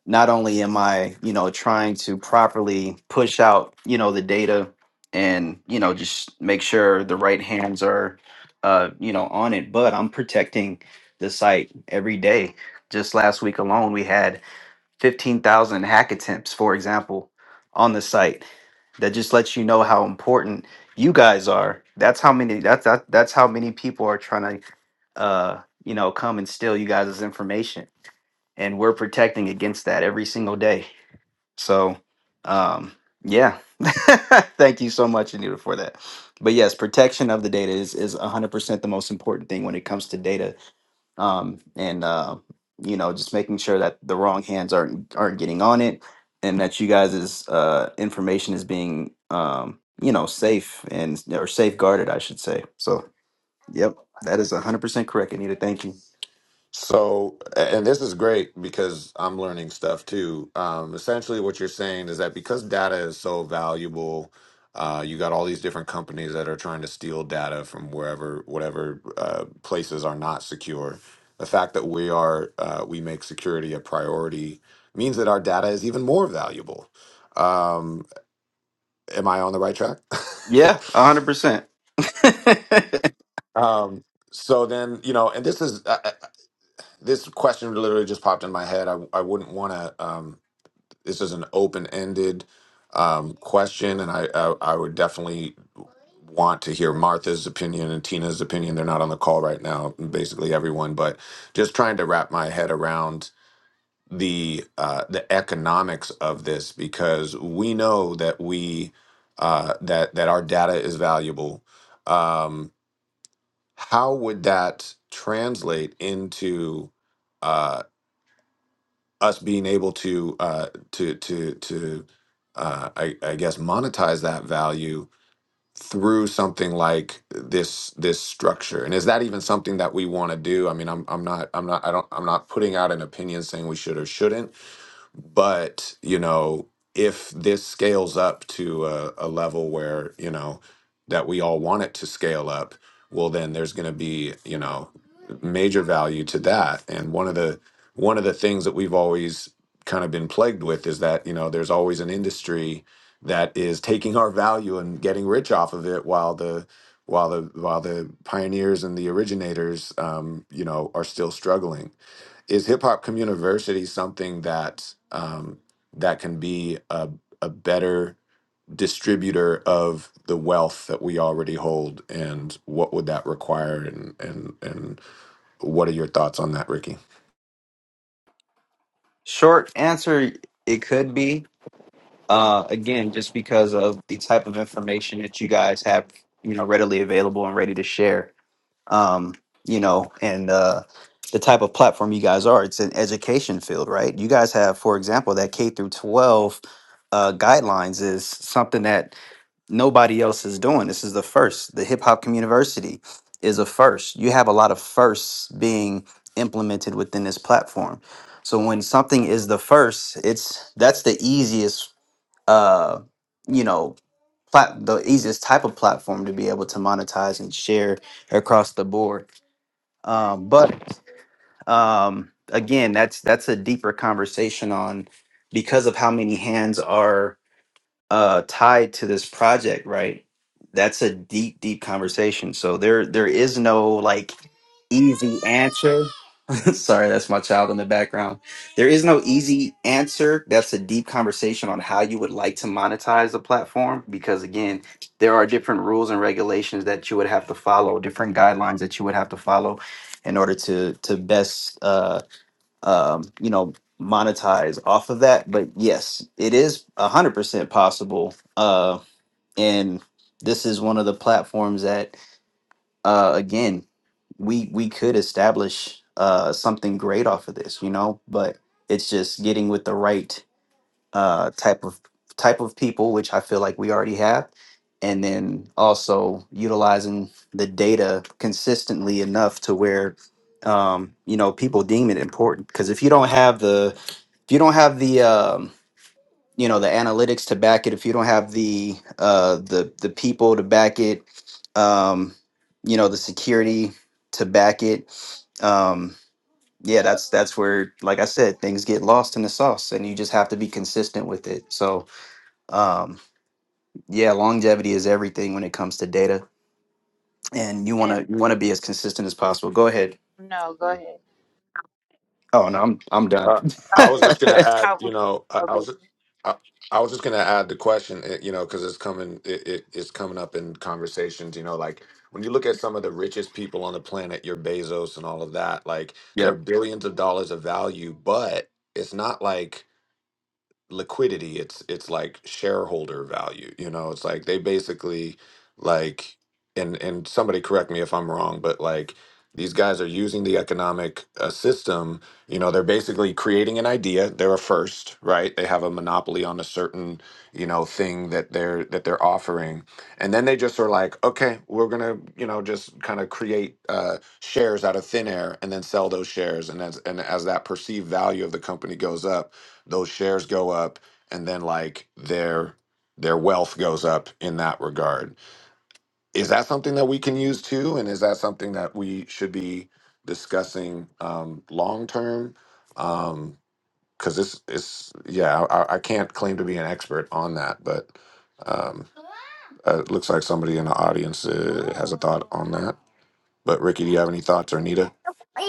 not only am I, you know, trying to properly push out, you know, the data and, you know, just make sure the right hands are, uh, you know, on it, but I'm protecting the site every day. Just last week alone, we had 15,000 hack attempts, for example, on the site. That just lets you know how important you guys are. That's how many. That's that, that's how many people are trying to, uh, you know, come and steal you guys' information, and we're protecting against that every single day. So, um, yeah, thank you so much, Anita, for that. But yes, protection of the data is is 100% the most important thing when it comes to data um, and uh, you know just making sure that the wrong hands aren't aren't getting on it and that you guys' uh, information is being um, you know safe and or safeguarded i should say so yep that is 100% correct anita thank you
So, and this is great because I'm learning stuff too. Um, essentially, what you're saying is that because data is so valuable, uh, you got all these different companies that are trying to steal data from wherever, whatever uh, places are not secure. The fact that we are, uh, we make security a priority means that our data is even more valuable. Um, am I on the right track?
yeah 100%
um, so then, you know, and this is, I, I- this question literally just popped in my head. I, I wouldn't want to. this is an open ended um, question, and I, I I would definitely want to hear Martha's opinion and Tina's opinion. They're not on the call right now, basically everyone, but just trying to wrap my head around the uh, the economics of this because we know that we uh, that that our data is valuable. Um, how would that translate into? uh, us being able to uh, to to to uh, I, I guess monetize that value through something like this this structure and is that even something that we want to do i mean i'm i'm not i'm not i don't i'm not putting out an opinion saying we should or shouldn't but you know if this scales up to a, a level where you know that we all want it to scale up well then there's going to be you know major value to that and one of the one of the things that we've always kind of been plagued with is that you know there's always an industry that is taking our value and getting rich off of it while the while the while the pioneers and the originators um, you know are still struggling is hip hop community something that um, that can be a, a better distributor of the wealth that we already hold and what would that require and and and what are your thoughts on that ricky
short answer it could be uh, again just because of the type of information that you guys have you know readily available and ready to share um, you know, and uh, the type of platform you guys are. It's an education field, right? You guys have, for example, that K through 12 uh, guidelines is something that nobody else is doing. This is the first. The Hip Hop University is a first. You have a lot of firsts being implemented within this platform. So when something is the first, it's that's the easiest, uh, you know, plat- the easiest type of platform to be able to monetize and share across the board um, but um, again, that's that's a deeper conversation on because of how many hands are uh, tied to this project, right? That's a deep, deep conversation. So there there is no like easy answer. Sorry, that's my child in the background. There is no easy answer. That's a deep conversation on how you would like to monetize the platform because, again, there are different rules and regulations that you would have to follow, different guidelines that you would have to follow in order to to best, uh, um, you know, monetize off of that. But yes, it is one hundred percent possible, uh, and this is one of the platforms that uh, again, we we could establish uh, something great off of this, you know. But it's just getting with the right uh, type of type of people, which I feel like we already have, and then also utilizing the data consistently enough to where um, you know people deem it important. Because if you don't have the if you don't have the um, you know the analytics to back it if you don't have the uh the the people to back it um you know the security to back it um yeah that's that's where like i said things get lost in the sauce and you just have to be consistent with it so um yeah longevity is everything when it comes to data and you want
And
to you want to be as consistent as possible go ahead
no, go ahead.
oh no i'm i'm done
Uh,
I
I was
was,
just gonna
I
add, you
was,
know, I, I
okay.
was, I, I was just gonna add the question, eh, you know, because it's coming, it, it, it's coming up in conversations, you know, like when you look at some of the richest people on the planet, your Bezos and all of that, like
yeah
they're billions of dollars of value, but it's not like liquidity it's it's like shareholder value you know it's like they basically like and and somebody correct me if i'm wrong but like these guys are using the economic uh, system you know they're basically creating an idea they're a first right they have a monopoly on a certain you know thing that they're that they're offering and then they just are like okay we're gonna you know just kind of create uh, shares out of thin air and then sell those shares and as and as that perceived value of the company goes up those shares go up and then like their their wealth goes up in that regard is that something that we can use too and is that something that we should be discussing um, long term um because this is yeah I, I can't claim to be an expert on that but um uh, it looks like somebody in the audience uh, has a thought on that but ricky do you have any thoughts or nita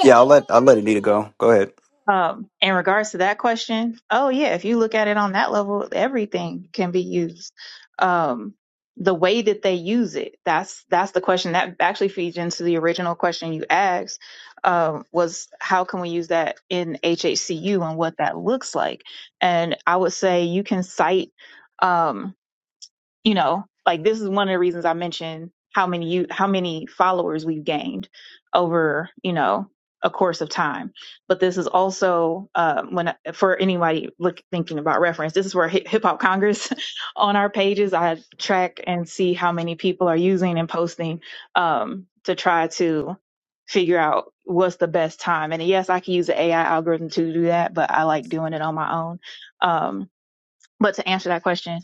yeah i'll let i'll let anita go go ahead
Um, in regards to that question, oh yeah, if you look at it on that level, everything can be used. Um, the way that they use it, that's that's the question that actually feeds into the original question you asked, um, was how can we use that in HHCU and what that looks like? And I would say you can cite. Um, you know, like this is one of the reasons I mentioned how many you how many followers we've gained over, you know, a course of time. But this is also um, when for anybody look thinking about reference, this is where Hip Hip Hop Congress on our pages I track and see how many people are using and posting um, to try to figure out what's the best time. And yes, I can use the AI algorithm to do that, but I like doing it on my own. Um, but to answer that question,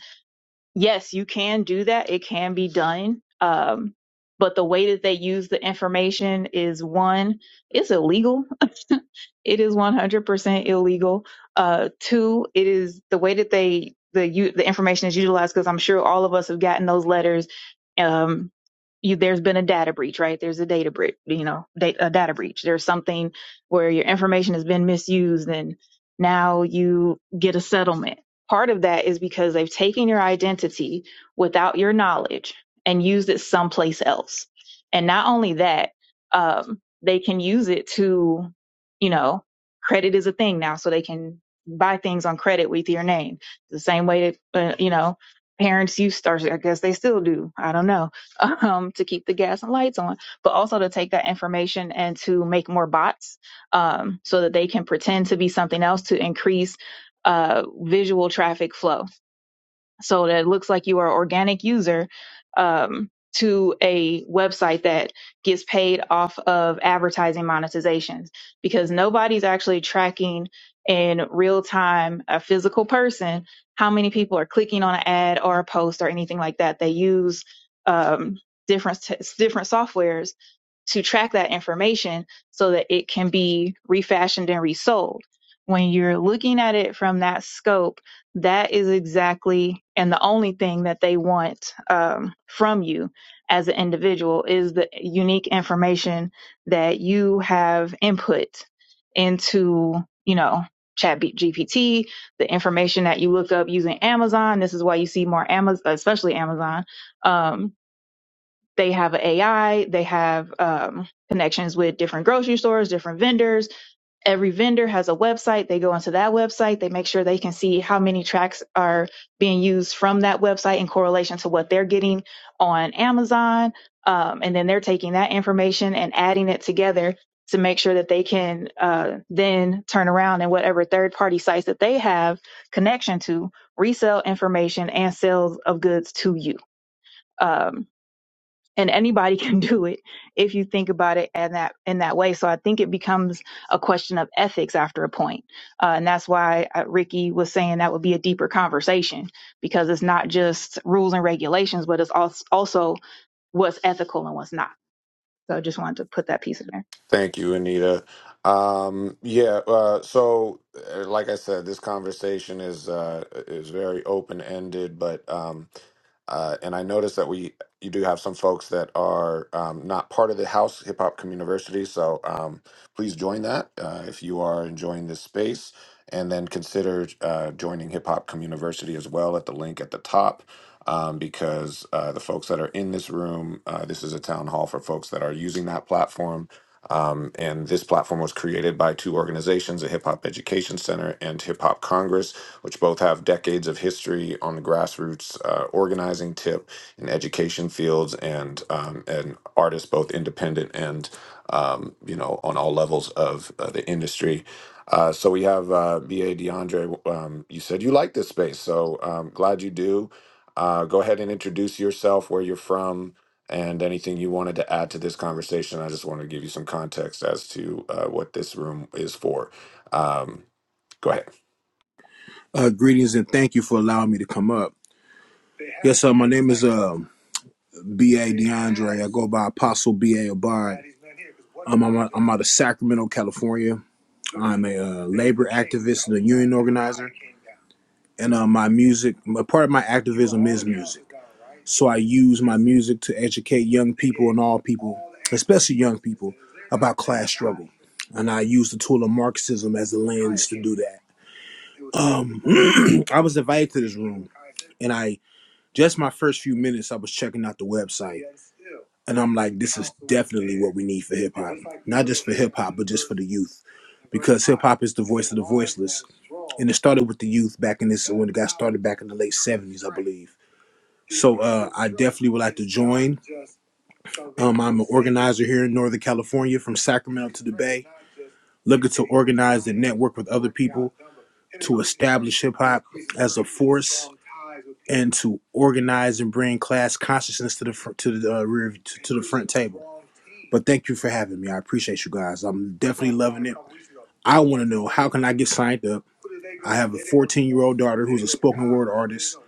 yes, you can do that. It can be done. Um, but the way that they use the information is one, it's illegal. it is 100% illegal. Uh, two, it is the way that they, the, u- the information is utilized, because I'm sure all of us have gotten those letters. Um, you, there's been a data breach, right? There's a data breach, you know, da- a data breach. There's something where your information has been misused and now you get a settlement Part of that is because they've taken your identity without your knowledge and used it someplace else. And not only that, um, they can use it to, you know, credit is a thing now, so they can buy things on credit with your name. The same way that, uh, you know, parents used, to, or I guess they still do, I don't know, um, to keep the gas and lights on, but also to take that information and to make more bots um, so that they can pretend to be something else to increase uh, visual traffic flow so that it looks like you are an organic user um, to a website that gets paid off of advertising monetizations because nobody's actually tracking in real time a physical person how many people are clicking on an ad or a post or anything like that they use um, different t- different softwares to track that information so that it can be refashioned and resold when you're looking at it from that scope that is exactly and the only thing that they want um, from you as an individual is the unique information that you have input into you know chat gpt the information that you look up using amazon this is why you see more amazon especially amazon um, they have an a ai they have um, connections with different grocery stores different vendors every vendor has a website. They go onto that website. They make sure they can see how many tracks are being used from that website in correlation to what they're getting on Amazon. Um, and then they're taking that information and adding it together to make sure that they can uh, then turn around and whatever third party sites that they have connection to resell information and sales of goods to you. Um, and anybody can do it if you think about it in that in that way. So I think it becomes a question of ethics after a point, uh, and that's why uh, Ricky was saying that would be a deeper conversation because it's not just rules and regulations, but it's als- also what's ethical and what's not. So I just wanted to put that piece in there.
Thank you, Anita. Um, yeah, uh, so uh, like I said, this conversation is uh, is very open ended, but um, uh, and I noticed that we you do have some folks that are um, not part of the House Hip Hop Community, so um, please join that uh, if you are enjoying this space, and then consider uh, joining Hip Hop Community as well at the link at the top. Um, because uh, the folks that are in this room, uh, this is a town hall for folks that are using that platform um, and this platform was created by two organizations, the Hip Hop Education Center and Hip Hop Congress, which both have decades of history on the grassroots uh, organizing tip in education fields and um, and artists both independent and um, you know on all levels of uh, the industry. Uh, so we have uh, BA DeAndre. Um, you said you like this space, so um, glad you do. Uh, go ahead and introduce yourself, where you're from, and anything you wanted to add to this conversation. I just wanted to give you some context as to uh, what this room is for. Um, go ahead.
Uh, greetings and thank you for allowing me to come up. Yes, sir. My name is uh, B.A. DeAndre. I go by Apostle B.A. Abad. Um, I'm, I'm out of Sacramento, California. I'm a uh, labor activist and a union organizer. And uh, my music, my, part of my activism is music. So I use my music to educate young people and all people, especially young people, about class struggle. And I use the tool of Marxism as a lens to do that. Um, I was invited to this room, and I Just my first few minutes, I was checking out the website, and I'm like, this is definitely what we need for hip hop. Not just for hip hop, but just for the youth, because hip hop is the voice of the voiceless, and it started with the youth back in this when it got started back in the late '70s, I believe. So uh, I definitely would like to join. Um, I'm an organizer here in Northern California from Sacramento to the Bay, looking to organize and network with other people to establish hip hop as a force and to organize and bring class consciousness to the front, to the uh, rear to, to the front table. But thank you for having me. I appreciate you guys. I'm definitely loving it. I want to know how can I get signed up? I have a 14 year old daughter who's a spoken word artist.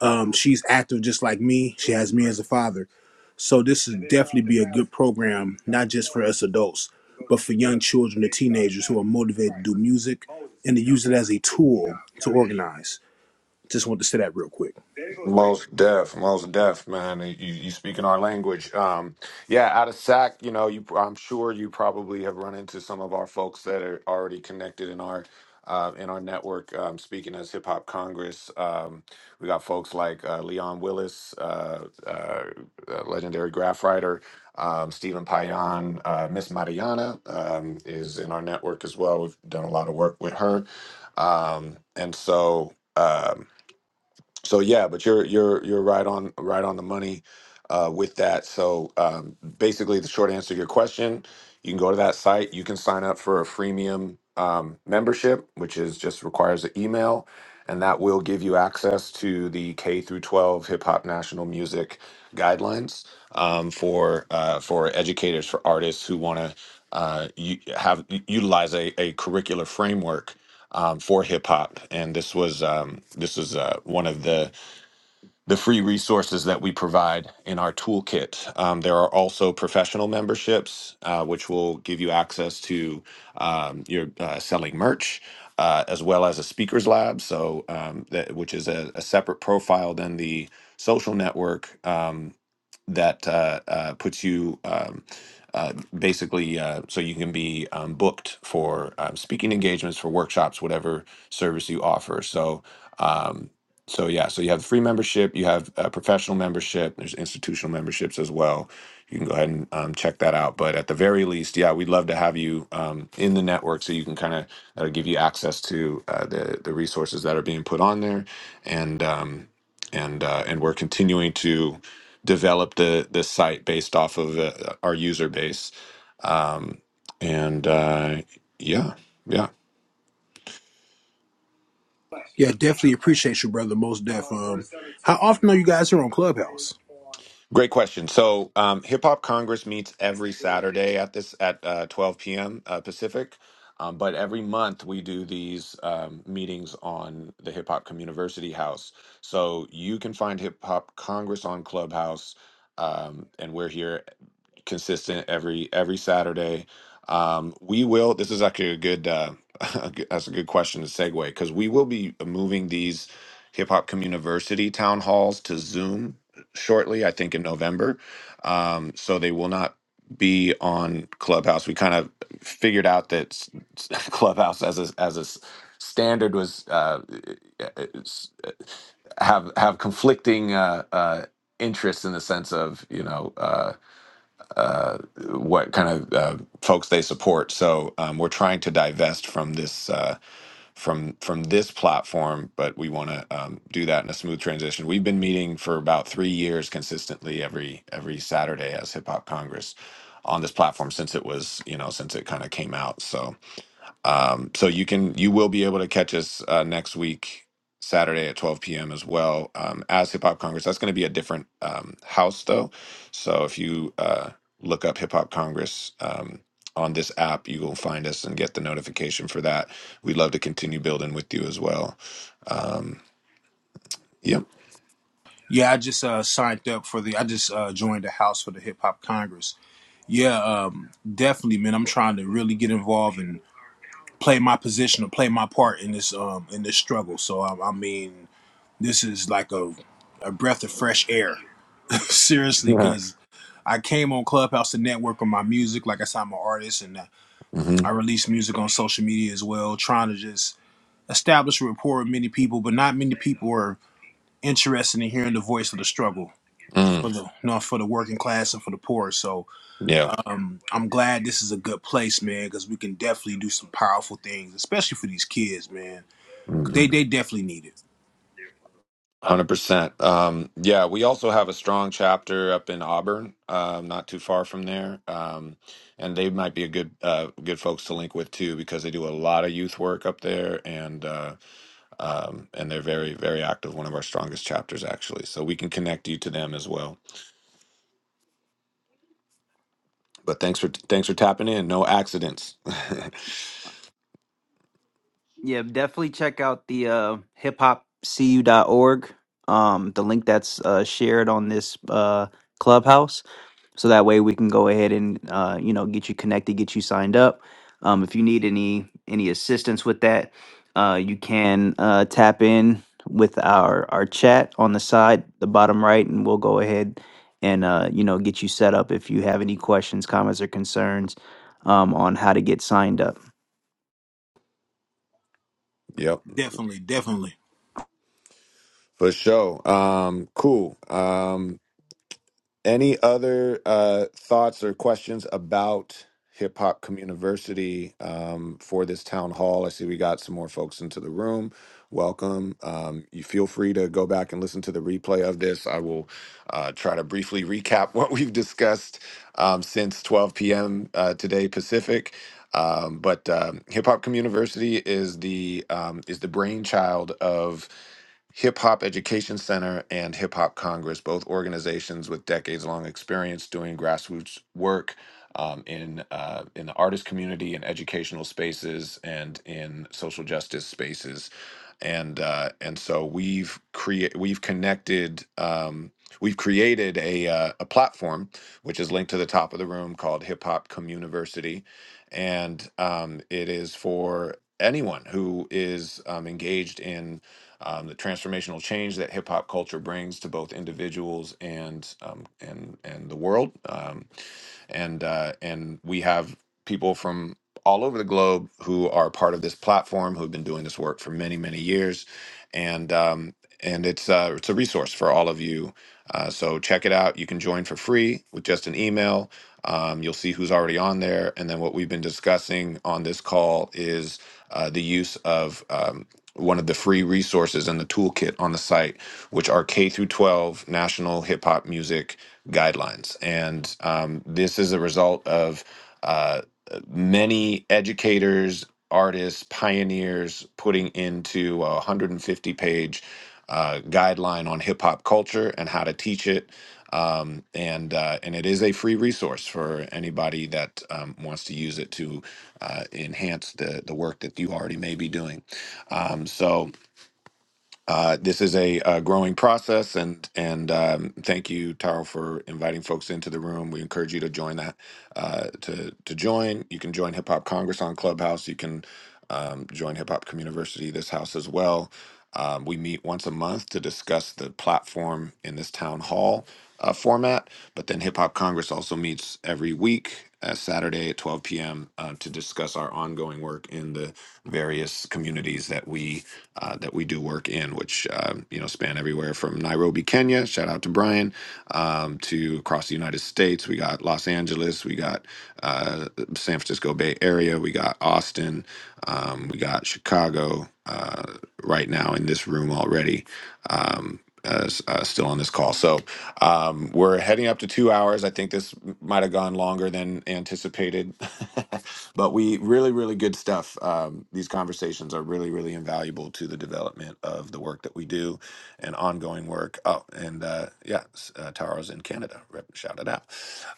Um, she's active just like me. She has me as a father. So this would definitely be a good program, not just for us adults, but for young children and teenagers who are motivated to do music and to use it as a tool to organize. Just wanted to say that real quick.
Most deaf, most deaf, man. You, you speak in our language. Um, yeah, out of SAC, you know, you I'm sure you probably have run into some of our folks that are already connected in our uh, in our network. Um, speaking as Hip Hop Congress, um, we got folks like uh, Leon Willis, uh, uh, uh, legendary graph writer, um, Stephen Payan, uh, Miss Mariana um, is in our network as well. We've done a lot of work with her, um, and so. Um, so yeah but you're you're you're right on right on the money uh, with that so um, basically the short answer to your question you can go to that site you can sign up for a freemium um, membership which is just requires an email and that will give you access to the k through 12 hip hop national music guidelines um, for uh, for educators for artists who want to uh, u- have u- utilize a, a curricular framework um, for hip hop, and this was um, this is uh, one of the the free resources that we provide in our toolkit. Um, there are also professional memberships, uh, which will give you access to um, your uh, selling merch. Uh, as well as a speakers lab, so um, that which is a, a separate profile than the social network, um, that uh, uh, puts you um, uh, basically uh, so you can be um, booked for um, speaking engagements, for workshops, whatever service you offer. So, um, so yeah, so you have free membership, you have uh, professional membership, there's institutional memberships as well. You can go ahead and um, check that out. But at the very least, yeah, we'd love to have you um, in the network so you can kind of that'll give you access to uh, the the resources that are being put on there, and um, and uh, and we're continuing to develop the the site based off of uh, our user base. Um, and uh, yeah, yeah,
Yeah, definitely appreciate you, brother. Most def. Um, how often are you guys here on Clubhouse?
great question. So um, Hip Hop Congress meets every Saturday at this at uh, 12 p.m. Uh, Pacific. Um, but every month we do these um, meetings on the Hip Hop Community House. So you can find Hip Hop Congress on Clubhouse, um, and we're here. consistent every every Saturday. Um, we will. This is actually a good. Uh, a good- that's a good question to segue because we will be moving these hip hop community town halls to Zoom shortly. I think in November, um, so they will not be on Clubhouse. We kind of figured out that s- s- Clubhouse as a as a s- standard was uh, eh, eh, s- have have conflicting uh, uh, interests in the sense of you know. Uh, uh, what kind of uh, folks they support. So um, we're trying to divest from this uh, from from this platform, but we want to um, do that in a smooth transition. We've been meeting for about three years consistently every every Saturday as Hip Hop Congress on this platform since it was you know since it kind of came out. So um, so you can you will be able to catch us uh, next week, Saturday at 12 p.m. as well um, as Hip Hop Congress. That's going to be a different um, house though. So if you uh, look up Hip Hop Congress um, on this app, you will find us and get the notification for that. We'd love to continue building with you as well. Um, yep.
Yeah, I just uh, signed up for the. I just uh, joined the house for the Hip Hop Congress. Yeah, um, definitely, man. I'm trying to really get involved and. play my position or play my part in this um in this struggle. So I, I mean, this is like a a breath of fresh air, seriously,
Yeah.
because I came on Clubhouse to network on my music. Like I said, I'm an artist, and uh,
hmm
I release music on social media as well, trying to just establish a rapport with many people. But not many people are interested in hearing the voice of the struggle
Mm,
for the you know, for the working class and for the poor. So
yeah.
I'm glad this is a good place, man, because we can definitely do some powerful things, especially for these kids, man
Mm-hmm.
They they definitely need it.
100%. Um, yeah, we also have a strong chapter up in Auburn, um, not too far from there. Um, and they might be a good uh, good folks to link with too because they do a lot of youth work up there and uh, um, and they're very very active, one of our strongest chapters actually. So we can connect you to them as well. But thanks for thanks for tapping in. No accidents.
Yeah, definitely check out the uh, hiphopcu.org, um, the link that's uh, shared on this uh, clubhouse. So that way we can go ahead and uh, you know get you connected, get you signed up. Um, if you need any any assistance with that, uh, you can uh, tap in with our our chat on the side, the bottom right, and we'll go ahead and uh, you know get you set up if you have any questions, comments, or concerns um, on how to get signed up.
Yep,
Definitely, definitely.
for sure. Um, cool. Um, Any other uh, thoughts or questions about Hip Hop Communiversity um, for this town hall? I see we got some more folks into the room. Welcome. Um, you feel free to go back and listen to the replay of this. I will uh, try to briefly recap what we've discussed um, since 12 p.m. Uh, today Pacific. Um, but um, Hip Hop Communiversity is the um, is the brainchild of Hip Hop Education Center and Hip Hop Congress, both organizations with decades long experience doing grassroots work um, in, uh, in the artist community, in educational spaces, and in social justice spaces. And, uh, and so we've create we've connected, um, we've created a, uh, a platform, which is linked to the top of the room called Hip Hop Communiversity. And um, it is for anyone who is um, engaged in um, the transformational change that hip hop culture brings to both individuals and um, and and the world. Um, and uh, and we have people from all over the globe who are part of this platform who have been doing this work for many many years, and um, and it's uh, it's a resource for all of you. Uh, so check it out. You can join for free with just an email. Um, you'll see who's already on there, and then what we've been discussing on this call is uh, the use of um, one of the free resources in the toolkit on the site which are K through 12 national hip hop music guidelines. And um, this is a result of uh, many educators, artists, pioneers putting into a 150 page uh, guideline on hip hop culture and how to teach it. Um, and uh, and it is a free resource for anybody that um, wants to use it to uh, enhance the the work that you already may be doing. Um, so uh, this is a, uh growing process, and and um, thank you, Taro, for inviting folks into the room. We encourage you to join that. Uh, to to join, you can join Hip Hop Congress on Clubhouse. You can um, join Hip Hop Community, this house as well. Um, we meet once a month to discuss the platform in this town hall uh, format. But then Hip Hop Congress also meets every week, uh, Saturday at 12 p.m., uh, to discuss our ongoing work in the various communities that we uh, that we do work in, which um, you know span everywhere from Nairobi, Kenya. Shout out to Brian um, to across the United States. We got Los Angeles. We got uh, San Francisco Bay Area. We got Austin. Um, we got Chicago uh, right now in this room already. Um, uh, s- uh, still on this call. So um, we're heading up to two hours. I think this might have gone longer than anticipated. but we really really good stuff um, these conversations are really really invaluable to the development of the work that we do and ongoing work oh and uh, yeah s- uh, taro's in canada Rep- shout it out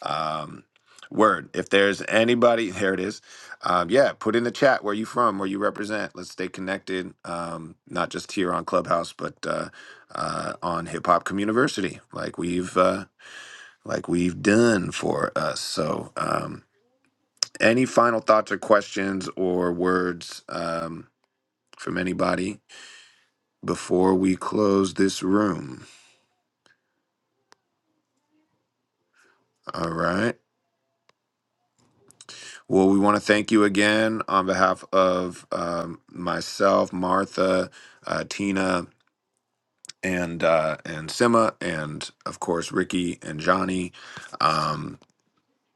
um, word if there's anybody there it is um, yeah put in the chat where you from where you represent let's stay connected um, not just here on clubhouse but uh, uh, on hip hop community like we've uh, like we've done for us so Um, any final thoughts or questions or words um, from anybody before we close this room? All right. Well, we want to thank you again on behalf of um, myself, Martha, uh, Tina, and uh, and Sima, and of course Ricky and Johnny. Um,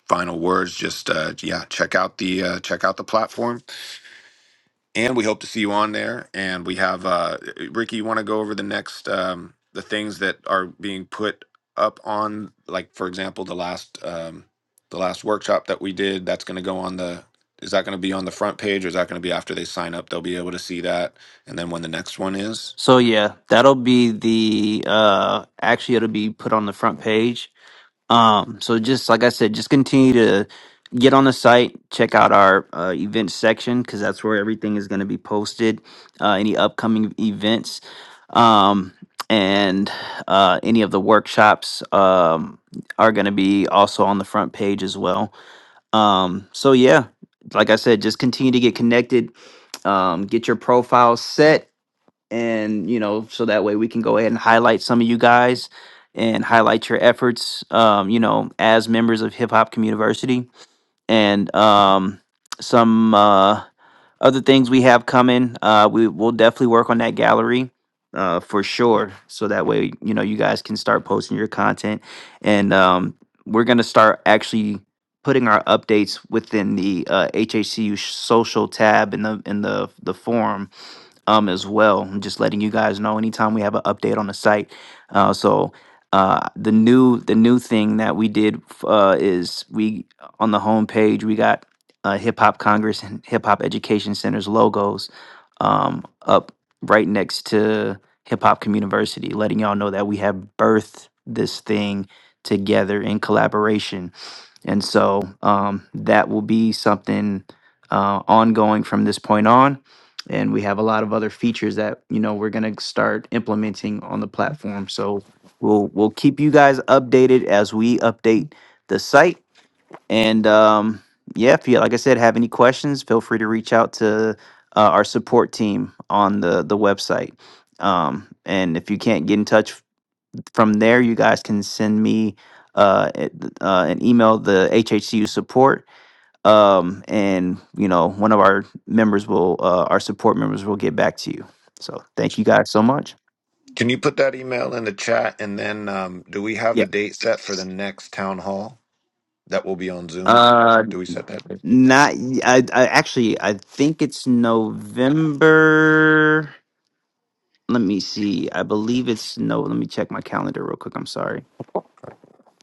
final words. Just uh, yeah, check out the uh, check out the platform and we hope to see you on there. And we have uh, Ricky. You want to go over the next um, the things that are being put up on, like for example, the last um, the last workshop that we did. That's going to go on the. Is that going to be on the front page, or is that going to be after they sign up? They'll be able to see that, and then when the next one is.
So yeah, that'll be the uh actually it'll be put on the front page. Um, so just like I said, just continue to get on the site, check out our uh, events section because that's where everything is going to be posted. Uh, any upcoming events, um, and uh, any of the workshops um, are going to be also on the front page as well. Um, so yeah, like I said, just continue to get connected, um, get your profile set and you know so that way we can go ahead and highlight some of you guys and highlight your efforts um, you know as members of hip hop community and um, some uh, other things we have coming uh, we will definitely work on that gallery uh, for sure so that way you know you guys can start posting your content and um, we're going to start actually putting our updates within the uh, HHCU social tab in the in the the forum um, as well. I'm just letting you guys know anytime we have an update on the site. Uh, so uh, the new the new thing that we did uh, is we on the homepage we got uh, Hip Hop Congress and Hip Hop Education Center's logos um, up right next to Hip Hop Community, letting y'all know that we have birthed this thing together in collaboration and so um, that will be something uh, ongoing from this point on. And we have a lot of other features that you know we're gonna start implementing on the platform. So we'll we'll keep you guys updated as we update the site. And um, yeah, if you like I said have any questions, feel free to reach out to uh, our support team on the the website. Um, and if you can't get in touch from there you guys can send me uh, a- uh an email the hhcu support um and you know one of our members will uh, our support members will get back to you so thank you guys so much
Can you put that email in the chat, and then um, do we have
yeah
the date set for the next town hall that will be on Zoom?
uh
Do we set that? date?
not y- i, I actually i think it's november let me see i believe it's no let me check my calendar real quick i'm sorry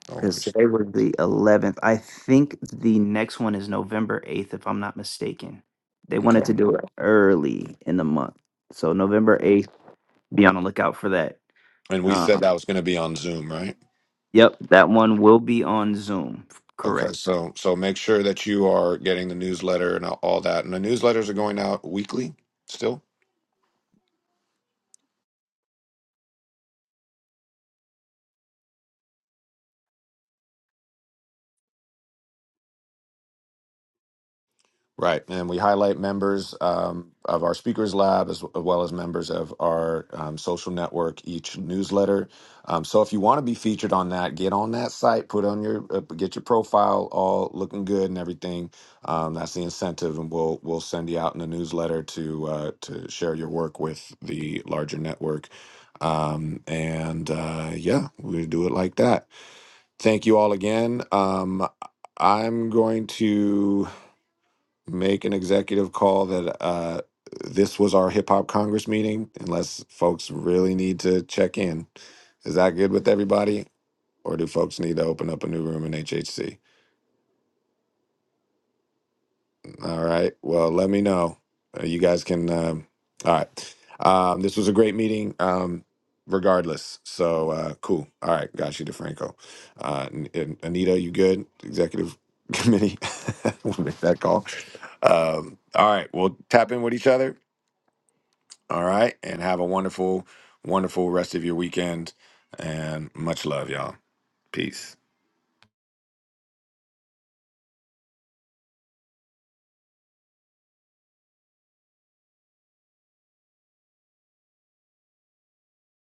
No
Because
worries.
today was the 11th. I think the next one is November 8th, if I'm not mistaken. They wanted to
Okay.
do it early in the month. So November 8th, be on the lookout for that.
And we said
Um,
that was going to be on Zoom, right?
yep, that one will be on Zoom. Correct.
Okay, so so make sure that you are getting the newsletter and all that. And the newsletters are going out weekly still? Right. And we highlight members um, of our speakers lab as, as well as members of our um, social network, each newsletter. Um, so if you want to be featured on that, get on that site, put on your, uh, get your profile all looking good and everything. Um, that's the incentive. And we'll, we'll send you out in the newsletter to, uh, to share your work with the larger network. Um, and uh, yeah, we do it like that. Thank you all again. Um, I'm going to make an executive call that uh, this was our hip hop Congress meeting, unless folks really need to check in. Is that good with everybody? Or do folks need to open up a new room in HHC? All right. Well, let me know. Uh, you guys can. Um, all right. Um, this was a great meeting, um, regardless. So uh, cool. All right. Got you, DeFranco. Uh, N- N- Anita, you good? Executive committee. we'll make that call. Um, all right. We'll tap in with each other All right. And have a wonderful, wonderful rest of your weekend. And much love, y'all. Peace.